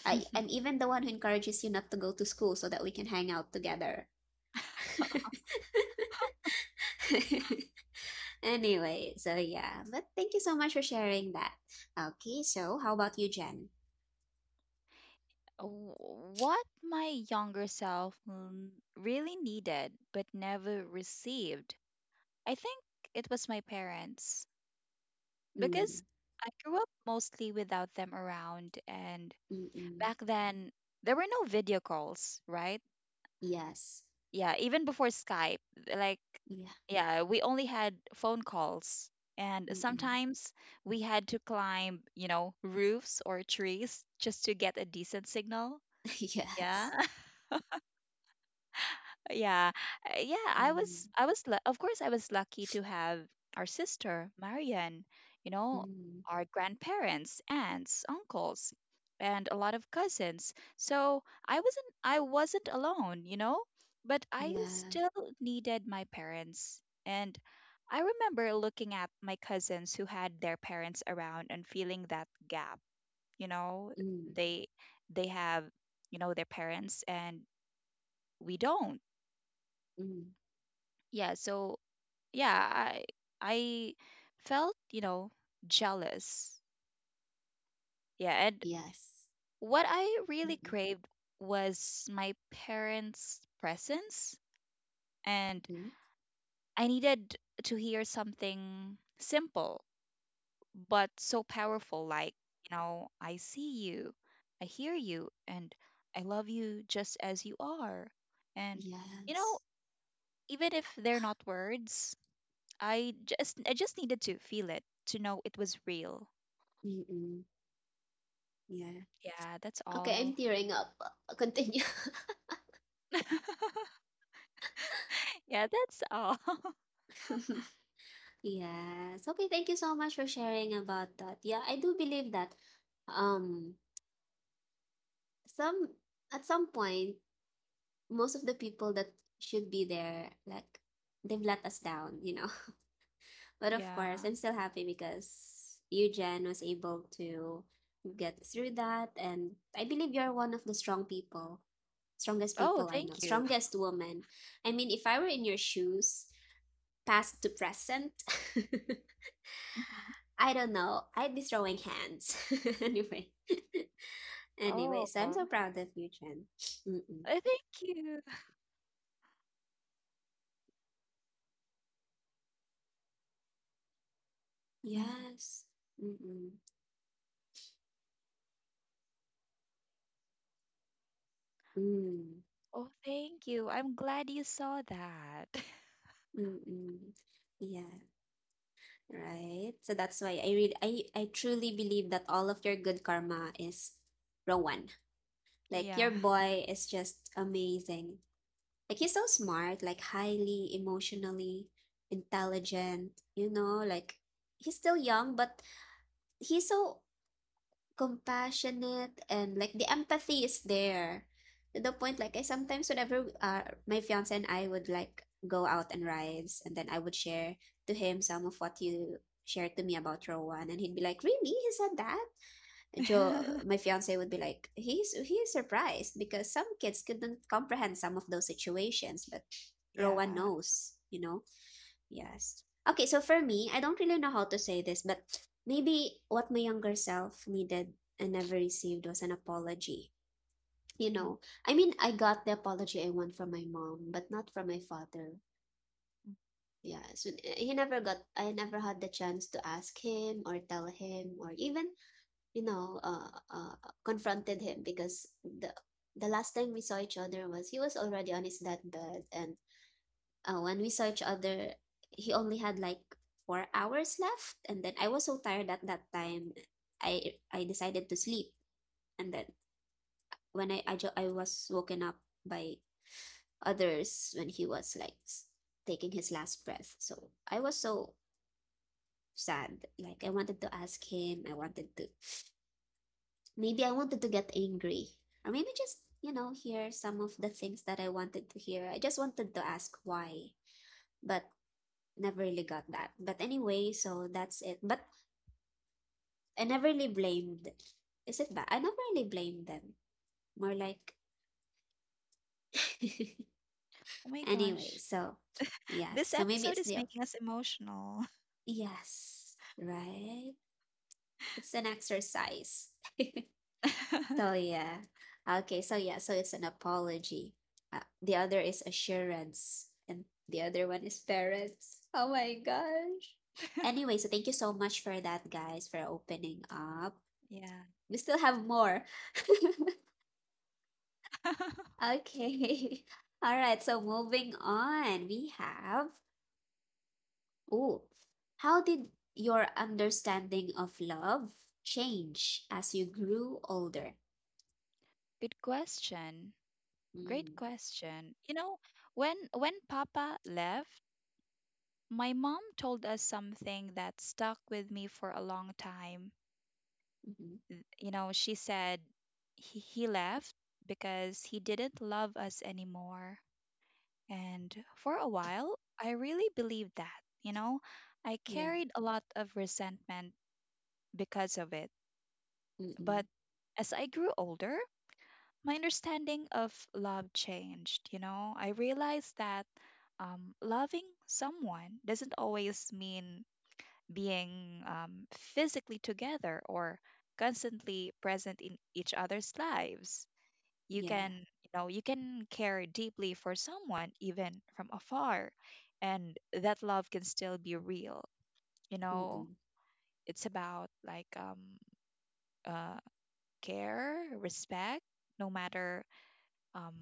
[SPEAKER 1] I'm even the one who encourages you not to go to school so that we can hang out together. [LAUGHS] Anyway, so yeah, but thank you so much for sharing that. Okay, so how about you, Jen?
[SPEAKER 2] W- What my younger self really needed but never received, I think it was my parents.
[SPEAKER 1] Mm,
[SPEAKER 2] Because I grew up mostly without them around, and
[SPEAKER 1] mm-mm.
[SPEAKER 2] back then there were no video calls, right?
[SPEAKER 1] Yes.
[SPEAKER 2] Yeah, even before Skype, like,
[SPEAKER 1] Yeah.
[SPEAKER 2] yeah, we only had phone calls, and
[SPEAKER 1] Mm-mm.
[SPEAKER 2] sometimes we had to climb, you know, roofs or trees just to get a decent signal.
[SPEAKER 1] [LAUGHS]
[SPEAKER 2] Yeah.
[SPEAKER 1] Yes.
[SPEAKER 2] Yeah. Yeah,
[SPEAKER 1] Mm,
[SPEAKER 2] of course I was lucky to have our sister Marian, you know,
[SPEAKER 1] mm,
[SPEAKER 2] our grandparents, aunts, uncles, and a lot of cousins, so I wasn't, alone, you know, but I
[SPEAKER 1] yeah.
[SPEAKER 2] still needed my parents. And I remember looking at my cousins who had their parents around and feeling that gap. You know,
[SPEAKER 1] Mm,
[SPEAKER 2] they they have, you know, their parents, and we don't.
[SPEAKER 1] mm,
[SPEAKER 2] Yeah, so yeah, I felt, you know, jealous. Yeah. And
[SPEAKER 1] yes.
[SPEAKER 2] what I really
[SPEAKER 1] Mm,
[SPEAKER 2] craved was my parents' presence, and
[SPEAKER 1] mm,
[SPEAKER 2] I needed to hear something simple but so powerful, like, you know, I see you, I hear you, and I love you just as you are. And you know,
[SPEAKER 1] yes.
[SPEAKER 2] even if they're not words, I just, needed to feel it, to know it was real.
[SPEAKER 1] Mm-mm. Yeah.
[SPEAKER 2] Yeah, that's
[SPEAKER 1] Okay, I'm
[SPEAKER 2] all.
[SPEAKER 1] tearing up. [LAUGHS] Continue.
[SPEAKER 2] [LAUGHS] Yeah, that's all. [LAUGHS]
[SPEAKER 1] [LAUGHS] Yes. Okay, thank you so much for sharing about that. Yeah, I do believe that um some at some point most of the people that should be there, like, they've let us down. But of course,
[SPEAKER 2] Yeah.
[SPEAKER 1] I'm still happy because you, Jen, was able to get through that. And I believe you're one of the strongest
[SPEAKER 2] Oh,
[SPEAKER 1] people I know,
[SPEAKER 2] thank you.
[SPEAKER 1] strongest woman. I mean, if I were in your shoes, past to present, [LAUGHS]
[SPEAKER 2] Mhm.
[SPEAKER 1] I don't know, I'd be throwing hands. [LAUGHS] Anyway, [LAUGHS] anyway,
[SPEAKER 2] Oh,
[SPEAKER 1] so I'm so proud of you, Jen. Mm-mm.
[SPEAKER 2] thank you. Mhm.
[SPEAKER 1] Yes. Mm-mm. Mm.
[SPEAKER 2] Oh, thank you. I'm glad you saw that. [LAUGHS]
[SPEAKER 1] Mm-mm. Yes. Right. So that's why I really I truly believe that all of your good karma is Rowan. Like,
[SPEAKER 2] Yeah.
[SPEAKER 1] your boy is just amazing. Like, he's so smart, like highly emotionally intelligent, you know, like he's still young, but he's so compassionate and like the empathy is there to the point like I sometimes whenever my fiance and I would like go out and rides and then I would share to him some of what you shared to me about Rowan and he'd be like, really? He said that. Joe,
[SPEAKER 2] [LAUGHS]
[SPEAKER 1] my fiance, would be like, he's surprised because some kids couldn't comprehend some of those situations, but Rowan
[SPEAKER 2] Yeah.
[SPEAKER 1] knows, you know? Yes. Okay, so for me, I don't really know how to say this, but maybe what my younger self needed and never received was an apology. You
[SPEAKER 2] Mm.
[SPEAKER 1] know, I mean, I got the apology I want from my mom, but not from my father. Yeah, so he never got, I never had the chance to ask him or tell him or even, you know, confronted him because the last time we saw each other was he was already on his deathbed and when we saw each other, he only had like 4 hours left, and then I was so tired at that time, I decided to sleep, and then when I was woken up by others when he was like taking his last breath. So I was so sad. Like, I wanted to ask him. I wanted to, maybe I wanted to get angry, or maybe just, you know, hear some of the things that I wanted to hear. I just wanted to ask why, but never really got that. But anyway, so that's it. But I never really blamed. Is it bad? I never really blamed them. More like [LAUGHS]
[SPEAKER 2] Oh my
[SPEAKER 1] anyway.
[SPEAKER 2] gosh.
[SPEAKER 1] So yes.
[SPEAKER 2] This
[SPEAKER 1] So maybe
[SPEAKER 2] episode
[SPEAKER 1] it's
[SPEAKER 2] is
[SPEAKER 1] the
[SPEAKER 2] making us emotional.
[SPEAKER 1] yes, right? It's an exercise. So
[SPEAKER 2] [LAUGHS]
[SPEAKER 1] yeah. Okay. So yeah. So it's an apology. The other is assurance, and the other one is parents. Oh my gosh. Anyway, so thank you so much for that, guys, for opening up.
[SPEAKER 2] Yeah.
[SPEAKER 1] We still have more. [LAUGHS]
[SPEAKER 2] [LAUGHS]
[SPEAKER 1] Okay. [LAUGHS] All right. So moving on, we have, oh, how did your understanding of love change as you grew older?
[SPEAKER 2] Good question. Great
[SPEAKER 1] Mm.
[SPEAKER 2] question. You know, when Papa left, my mom told us something that stuck with me for a long time.
[SPEAKER 1] Mm-hmm.
[SPEAKER 2] You know, she said he left because he didn't love us anymore. And for a while, I really believed that. You know, I
[SPEAKER 1] Yeah.
[SPEAKER 2] carried a lot of resentment because of it.
[SPEAKER 1] Mm-mm.
[SPEAKER 2] But as I grew older, my understanding of love changed. You know, I realized that loving someone doesn't always mean being physically together or constantly present in each other's lives. You
[SPEAKER 1] Yeah.
[SPEAKER 2] can, you know, you can care deeply for someone even from afar, and that love can still be real. You know,
[SPEAKER 1] Mm-mm.
[SPEAKER 2] it's about, like, uh, care, respect, no matter um,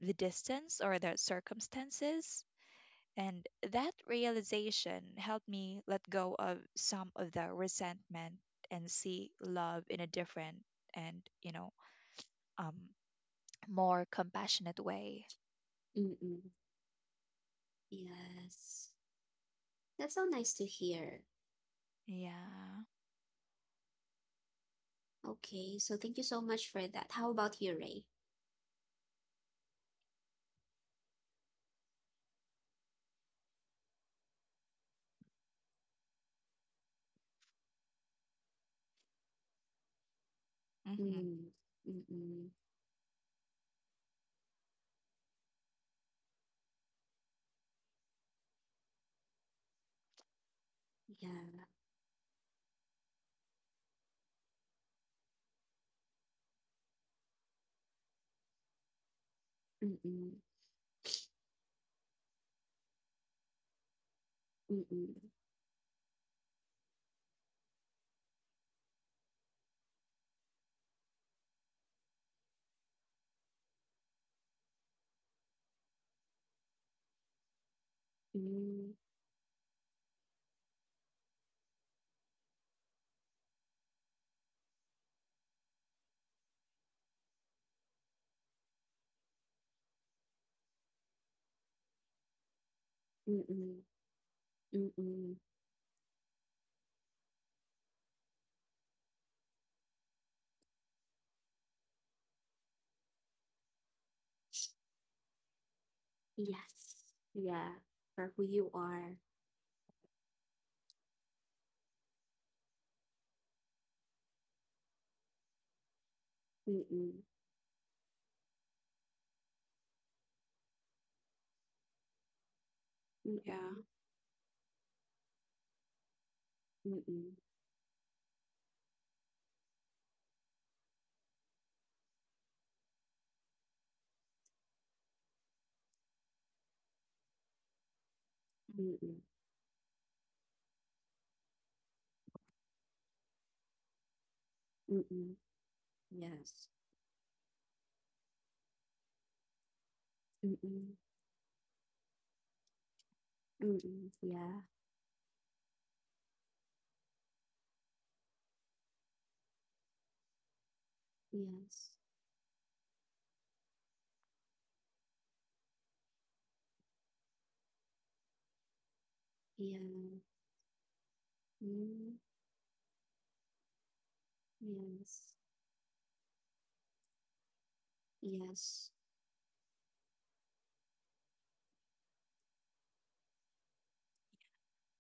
[SPEAKER 2] the distance or the circumstances. And that realization helped me let go of some of the resentment and see love in a different and, you know, um, more compassionate way.
[SPEAKER 1] Mm-mm. Yes. That's so nice to hear.
[SPEAKER 2] Yeah.
[SPEAKER 1] Okay. So thank you so much for that. How about you, Ray?
[SPEAKER 2] Hmm.
[SPEAKER 1] Mm. Mm-mm. Yeah. Mm-mm. Mm-mm. Mm. Mm-mm. Mm-mm. Yes. Yeah. For who you are. Mm-mm.
[SPEAKER 2] Yeah.
[SPEAKER 1] Mm-mm. Mm-mm. Mm-mm. Mm-mm. Yes. Mm-mm. Mm-mm. Yeah. Yes. Yeah. Mm. Yes. Yes.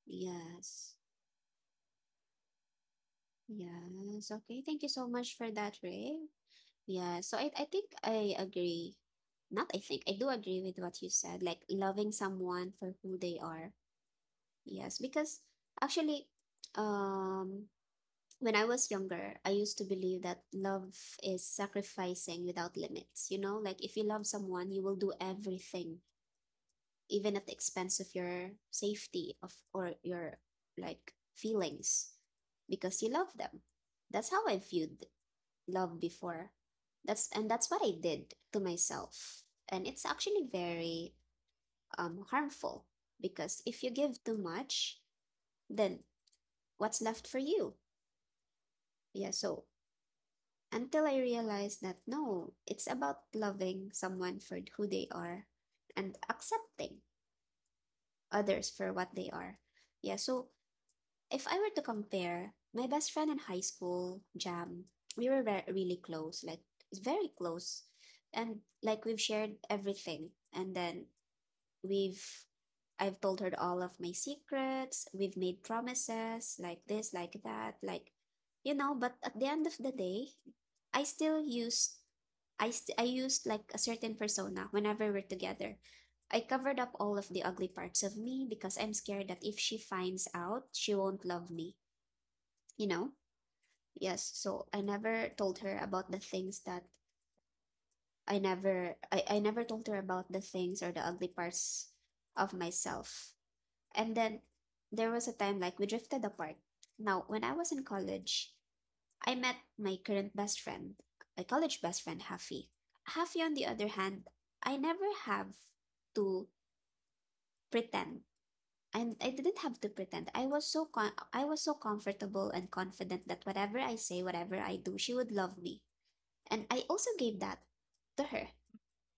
[SPEAKER 1] Yes. Yes. Okay. Thank you so much for that, Ray. Yeah. So I agree. Not I think I do agree with what you said, like loving someone for who they are. Yes. Because actually, um when I was younger, I used to believe that love is sacrificing without limits. You know, like if you love someone, you will do everything, even at the expense of your safety of or your like feelings because you love them. That's how I viewed love before. That's what I did to myself. And it's actually very harmful because if you give too much, then what's left for you? Yeah, so until I realized that no, it's about loving someone for who they are and accepting others for what they are. Yeah, so if I were to compare, my best friend in high school, Jam, we were really close, like very close. And like we've shared everything. And then we've, I've told her all of my secrets. We've made promises like this, like that, like, you know, but at the end of the day, I still use. I st- I used like a certain persona whenever we're together. I covered up all of the ugly parts of me because I'm scared that if she finds out, she won't love me, you know? Yes, so I never told her about the things that I never I, I never told her about the things or the ugly parts of myself. And then there was a time like we drifted apart. Now, when I was in college, I met my current best friend, my college best friend, Hafi. Hafi, on the other hand, I never have to pretend. And I didn't have to pretend. I was I was so comfortable and confident that whatever I say, whatever I do, she would love me. And I also gave that to her,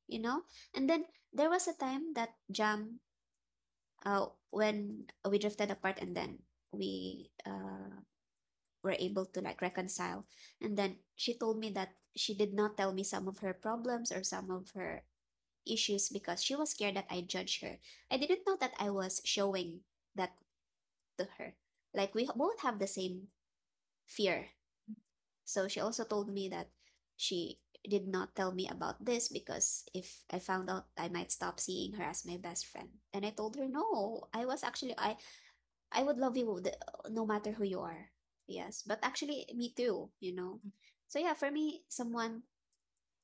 [SPEAKER 1] you know? And then there was a time that Jam, when we drifted apart and then we were able to like reconcile. And then she told me that she did not tell me some of her problems or some of her issues because she was scared that I judge her. I didn't know that I was showing that to her. Like we both have the same fear. So she also told me that she did not tell me about this because if I found out I might stop seeing her as my best friend. And I told her no. I was actually I would love you no matter who you are. Yes, but actually, me too. You know, so yeah, for me, someone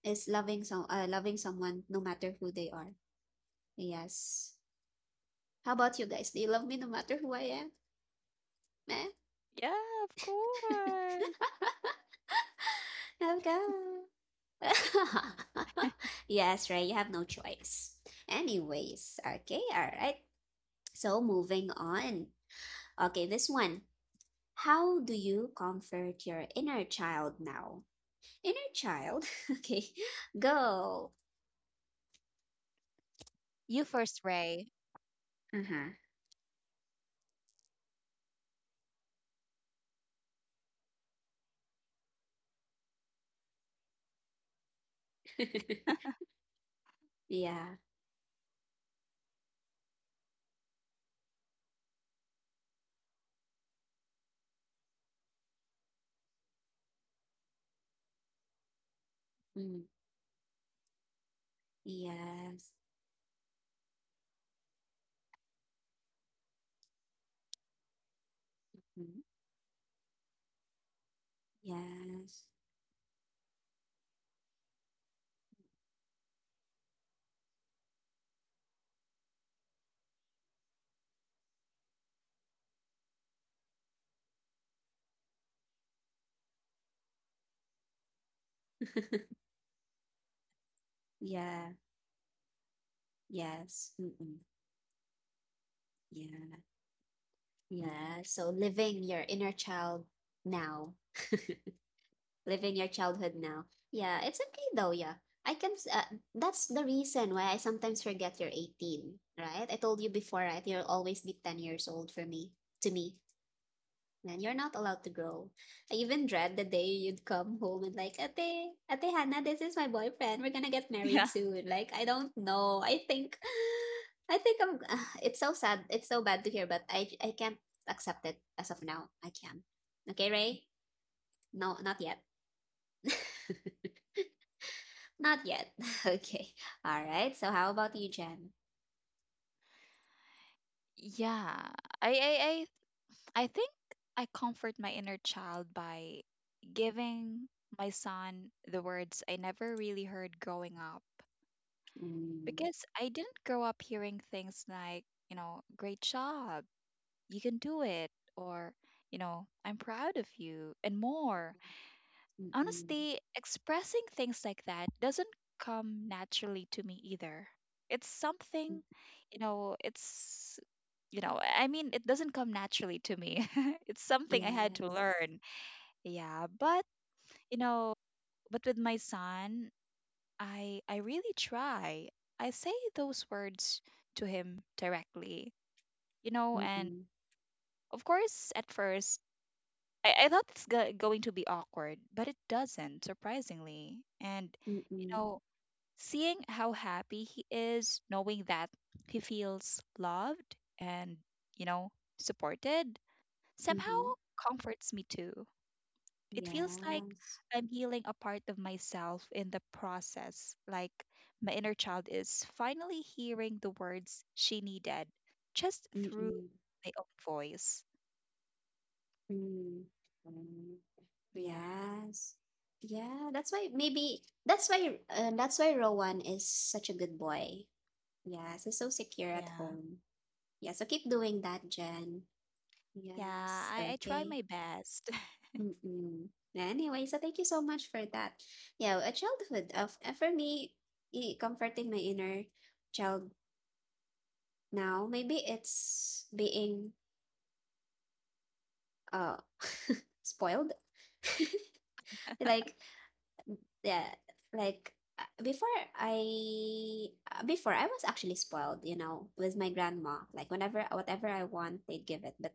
[SPEAKER 1] is loving some loving someone no matter who they are. Yes. How about you guys? Do you love me no matter who I am? Eh?
[SPEAKER 2] Yeah, of
[SPEAKER 1] [LAUGHS]
[SPEAKER 2] course.
[SPEAKER 1] Okay. [LAUGHS] Yes, right. You have no choice. Anyways, okay, all right. So moving on. Okay, this one. How do you comfort your inner child now? Inner child. [LAUGHS] Okay. Go.
[SPEAKER 2] You first, Ray.
[SPEAKER 1] Uh-huh. [LAUGHS] Yeah. Mm. Yes. Mm. Yes. [LAUGHS] Yeah. Yes. Mm-mm. Yeah. Yeah. So living your inner child now, living your childhood now. Yeah, it's okay though. Yeah. That's the reason why I sometimes forget you're 18, right? I told you before, right? You'll always be 10 years old for me, to me. Man, you're not allowed to grow. I even dread the day you'd come home and like, Ate, Ate Hannah, this is my boyfriend. We're gonna get
[SPEAKER 2] [LAUGHS]
[SPEAKER 1] married
[SPEAKER 2] Yeah.
[SPEAKER 1] soon. Like, I don't know. I think, [SIGHS] I think I'm. [SIGHS] It's so sad. It's so bad to hear, but I can't accept it as of now. I can. Okay, Ray. No, not yet. Not yet. [LAUGHS] Okay. All right. So how about you, Jen?
[SPEAKER 2] Yeah. I, I, I think I comfort my inner child by giving my son the words I never really heard growing up.
[SPEAKER 1] Mm,
[SPEAKER 2] Because I didn't grow up hearing things like, you know, great job, you can do it, or, you know, I'm proud of you, and more.
[SPEAKER 1] mm-mm,
[SPEAKER 2] Honestly, expressing things like that doesn't come naturally to me either. It's
[SPEAKER 1] mm,
[SPEAKER 2] something, you know, it's, you know, I mean, it doesn't come naturally to me. [LAUGHS] It's something I had to
[SPEAKER 1] yes.
[SPEAKER 2] learn. Yeah, but, you know, but with my son, I really try. I say those words to him directly, you know, and
[SPEAKER 1] Mm-mm,
[SPEAKER 2] of course at first I thought it's going to be awkward, but it doesn't, surprisingly. And you
[SPEAKER 1] mm-mm,
[SPEAKER 2] know, seeing how happy he is, knowing that he feels loved and, you know, supported, somehow
[SPEAKER 1] mm-hmm.
[SPEAKER 2] comforts me too. It feels like
[SPEAKER 1] Yes.
[SPEAKER 2] I'm healing a part of myself in the process, like my inner child is finally hearing the words she needed just through
[SPEAKER 1] Mm-mm.
[SPEAKER 2] my own voice.
[SPEAKER 1] Mm, mm,
[SPEAKER 2] Yeah,
[SPEAKER 1] yes. Yeah, that's why maybe that's why Rowan is such a good boy. Yes, he's so secure at
[SPEAKER 2] yeah,
[SPEAKER 1] home. Yeah, so keep doing that, Jen.
[SPEAKER 2] yeah.
[SPEAKER 1] Yes,
[SPEAKER 2] I try
[SPEAKER 1] okay.
[SPEAKER 2] my best. [LAUGHS]
[SPEAKER 1] Mm-mm. Anyway, so thank you so much for that. Yeah, a childhood of for me, comforting my inner child now. Maybe it's being uh [LAUGHS] spoiled. [LAUGHS] Like, yeah, like uh, before i before I was actually spoiled, you know, with my grandma, like whenever whatever I want they'd give it, but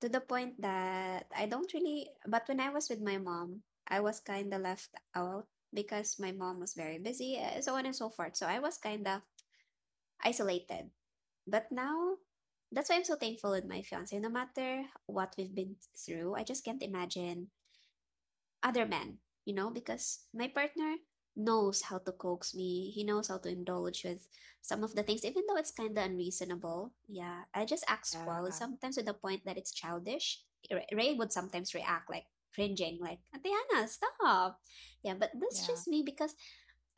[SPEAKER 1] to the point that I don't really, but when I was with my mom I was kind of left out because my mom was very busy, so on and so forth, so I was kind of isolated, but now that's why I'm so thankful with my fiance, no matter what we've been through, I just can't imagine other men, you know, because my partner knows how to coax me. He knows how to indulge with some of the things, even though it's kind of unreasonable. Yeah, I just act spoiled
[SPEAKER 2] Yeah,
[SPEAKER 1] sometimes to the point that it's childish. Ray would sometimes react like cringing, like, Diana, stop. Yeah, but that's
[SPEAKER 2] yeah,
[SPEAKER 1] just me because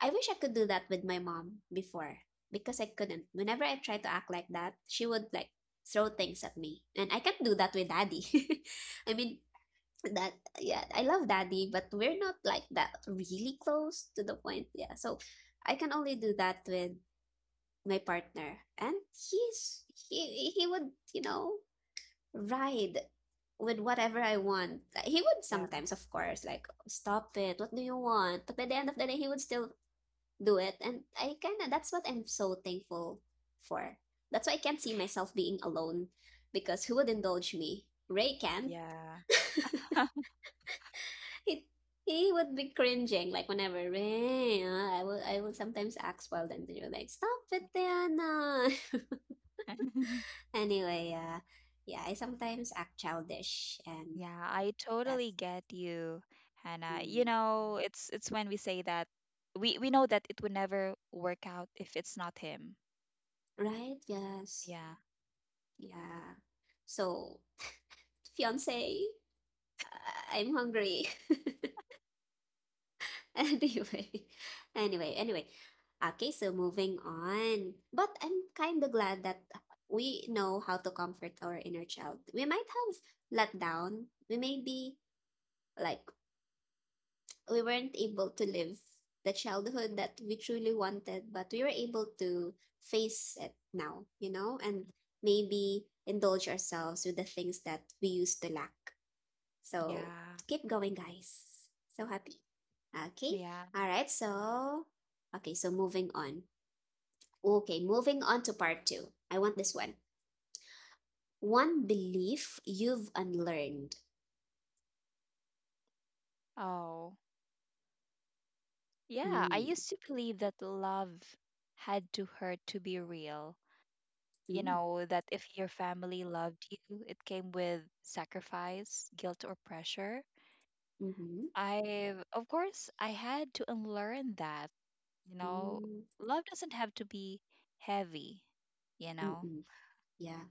[SPEAKER 1] I wish I could do that with my mom before because I couldn't. Whenever I tried to act like that, she would like throw things at me. And I can't do that with daddy. [LAUGHS] I mean, that yeah, I love daddy, but we're not like that really close to the point. Yeah, so I can only do that with my partner, and he's he would, you know, ride with whatever I want. Like, he would
[SPEAKER 2] yeah,
[SPEAKER 1] sometimes of course like stop it, what do you want, but by the end of the day he would still do it, and I kind of, that's what I'm so thankful for. That's why I can't see myself being alone because who would indulge me? Ray can.
[SPEAKER 2] yeah.
[SPEAKER 1] [LAUGHS] he he would be cringing like whenever "Rain," I will sometimes ask Wild, and you're like stop it Diana.
[SPEAKER 2] [LAUGHS]
[SPEAKER 1] [LAUGHS] Anyway, yeah, I sometimes act childish, and
[SPEAKER 2] Yeah, I
[SPEAKER 1] that's
[SPEAKER 2] totally get you, Hannah. You
[SPEAKER 1] mm,
[SPEAKER 2] know, it's when we say that we know that it would never work out if it's not him.
[SPEAKER 1] right. Yes.
[SPEAKER 2] Yeah.
[SPEAKER 1] Yeah. So fiance, I'm hungry. [LAUGHS] [LAUGHS] Anyway, anyway, anyway. Okay, so moving on. But I'm kind of glad that we know how to comfort our inner child. We might have let down. We may be like, we weren't able to live the childhood that we truly wanted, but we were able to face it now, you know, and maybe indulge ourselves with the things that we used to lack. So
[SPEAKER 2] Yeah.
[SPEAKER 1] keep going, guys. So happy. Okay.
[SPEAKER 2] Yeah.
[SPEAKER 1] All right. So, okay. So moving on. Okay. Moving on to part two. I want this one. One belief you've unlearned.
[SPEAKER 2] Oh. Yeah, I
[SPEAKER 1] Mm.
[SPEAKER 2] used to believe that love had to hurt to be real. You
[SPEAKER 1] Mm.
[SPEAKER 2] know, that if your family loved you, it came with sacrifice, guilt, or pressure.
[SPEAKER 1] Mm-hmm.
[SPEAKER 2] Of course, I had to unlearn that. You know,
[SPEAKER 1] Mm.
[SPEAKER 2] love doesn't have to be heavy, you know.
[SPEAKER 1] Mm-mm. Yeah.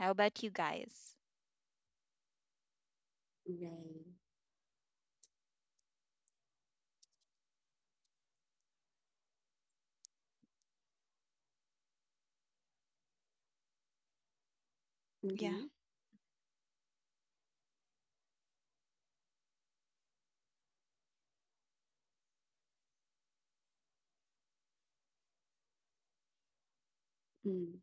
[SPEAKER 2] How about you guys?
[SPEAKER 1] Right.
[SPEAKER 2] Yeah,
[SPEAKER 1] Mm-hmm. Mm.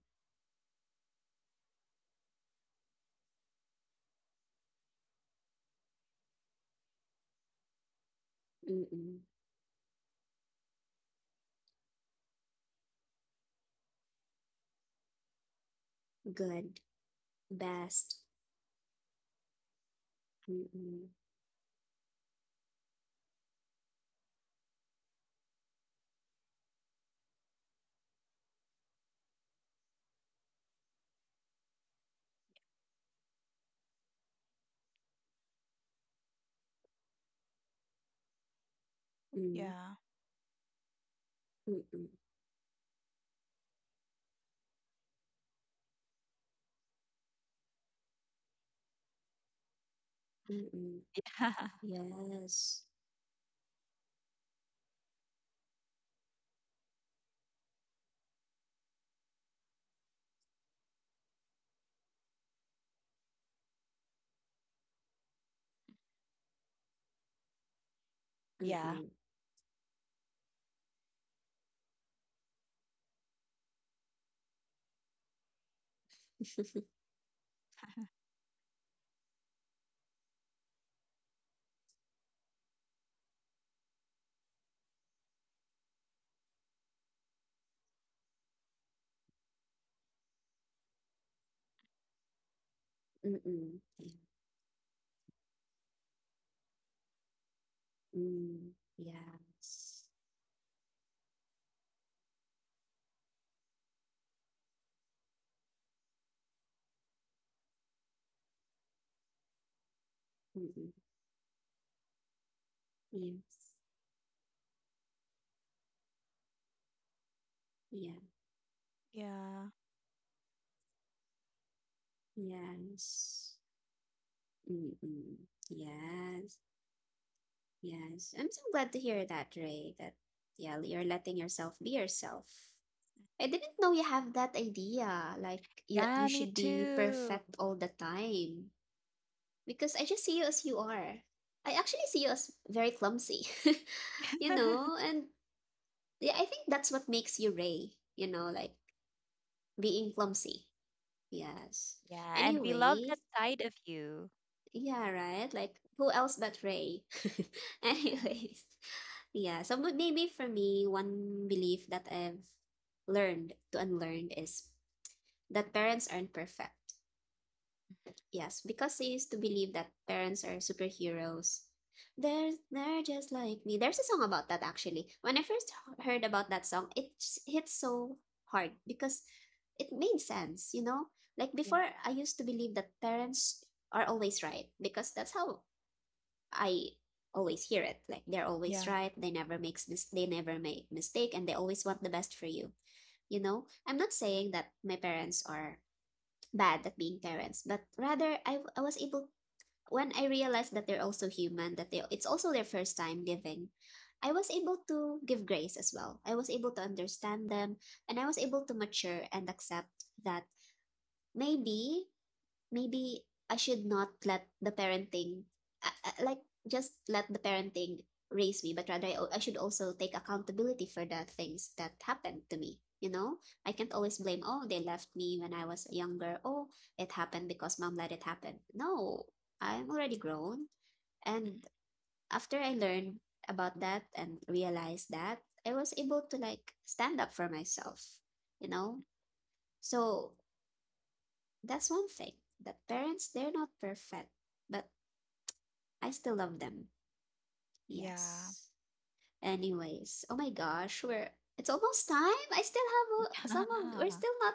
[SPEAKER 1] Mm-mm. Good. Best. Mm-mm. Mm.
[SPEAKER 2] yeah.
[SPEAKER 1] Mm-mm. Mm-mm.
[SPEAKER 2] [LAUGHS] Yeah.
[SPEAKER 1] Yes.
[SPEAKER 2] Yeah,
[SPEAKER 1] Mm-mm. [LAUGHS] Mm-mm. Yeah. Mm. Yes. Mm-mm. Yes. Yeah.
[SPEAKER 2] yeah.
[SPEAKER 1] Yes. Mm-mm. Yes. Yes. I'm so glad to hear that, Ray. That yeah, you're letting yourself be yourself. I didn't know you have that idea, like that you
[SPEAKER 2] Yeah, me
[SPEAKER 1] should be
[SPEAKER 2] too.
[SPEAKER 1] perfect all the time. Because I just see you as you are. I actually see you as very clumsy, [LAUGHS] you know,
[SPEAKER 2] [LAUGHS]
[SPEAKER 1] and yeah, I think that's what makes you Ray, you know, like being clumsy. Yes.
[SPEAKER 2] Yeah, and we love that
[SPEAKER 1] Anyways,
[SPEAKER 2] side of you.
[SPEAKER 1] yeah, right? Like, who else but Ray? [LAUGHS]
[SPEAKER 2] Yeah.
[SPEAKER 1] Anyways, yeah. So but maybe for me, one belief that I've learned to unlearn is that parents aren't perfect. Yes, because they used to believe that parents are superheroes. They're just like me. There's a song about that actually. When I first heard about that song, it hit so hard because it made sense, you know? Like
[SPEAKER 2] Yeah.
[SPEAKER 1] before I used to believe that parents are always right because that's how I always hear it. Like they're always
[SPEAKER 2] Yeah.
[SPEAKER 1] right, they never makes mis- they never make mistake, and they always want the best for you, you know? I'm not saying that my parents are bad at being parents, but rather I was able when I realized that they're also human, that they, it's also their first time giving, I was able to give grace as well. I was able to understand them, and I was able to mature and accept that maybe maybe I should not let the parenting, like just let the parenting raise me, but rather I should also take accountability for the things that happened to me. You know, I can't always blame, oh, they left me when I was younger. Oh, it happened because mom let it happen. No, I'm already grown. And after I learned about that and realized that, I was able to like stand up for myself, you know? So that's one thing that parents, they're not perfect, but I still love them.
[SPEAKER 2] Yeah.
[SPEAKER 1] Yes. Anyways, oh my gosh, we're it's almost time. I still have a, some of, we're
[SPEAKER 2] [LAUGHS]
[SPEAKER 1] still not,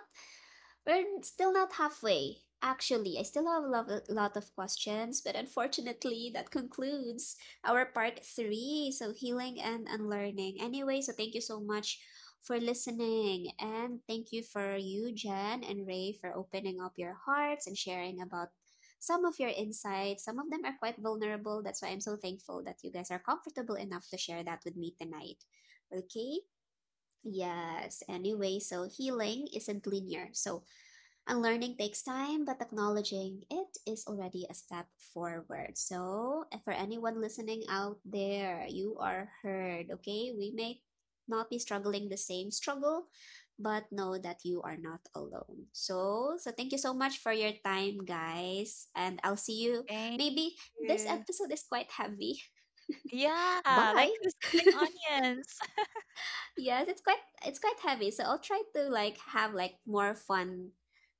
[SPEAKER 1] we're still not halfway. Actually, I still have a lot of questions, but unfortunately, that concludes our part three. So, healing and unlearning. Anyway, so thank you so much for listening. And thank you for you, Jen and Ray, for opening up your hearts and sharing about some of your insights. Some of them are quite vulnerable. That's why I'm so thankful that you guys are comfortable enough to share that with me tonight. Okay? Yes. Anyway, so healing isn't linear. So, unlearning takes time, but acknowledging it is already a step forward. So, for anyone listening out there, you are heard, okay? We may not be struggling the same struggle, but know that you are not alone. So, so thank you so much for your time, guys. And I'll see you.
[SPEAKER 2] Thank
[SPEAKER 1] Maybe this
[SPEAKER 2] you.
[SPEAKER 1] episode is quite heavy.
[SPEAKER 2] Yeah, like,
[SPEAKER 1] Bye.
[SPEAKER 2] who's
[SPEAKER 1] [LAUGHS]
[SPEAKER 2] cutting onions? [LAUGHS]
[SPEAKER 1] Yes, it's quite heavy. So I'll try to like have like more fun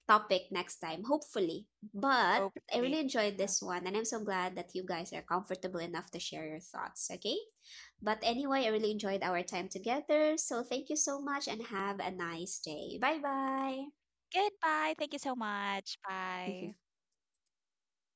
[SPEAKER 1] topic next time, hopefully. But I
[SPEAKER 2] Hopefully.
[SPEAKER 1] really enjoyed
[SPEAKER 2] Yeah.
[SPEAKER 1] this one, and I'm so glad that you guys are comfortable enough to share your thoughts, okay? But anyway, I really enjoyed our time together. So thank you so much and have a nice day. Bye bye.
[SPEAKER 2] Goodbye. Thank you so much. Bye.
[SPEAKER 1] [LAUGHS]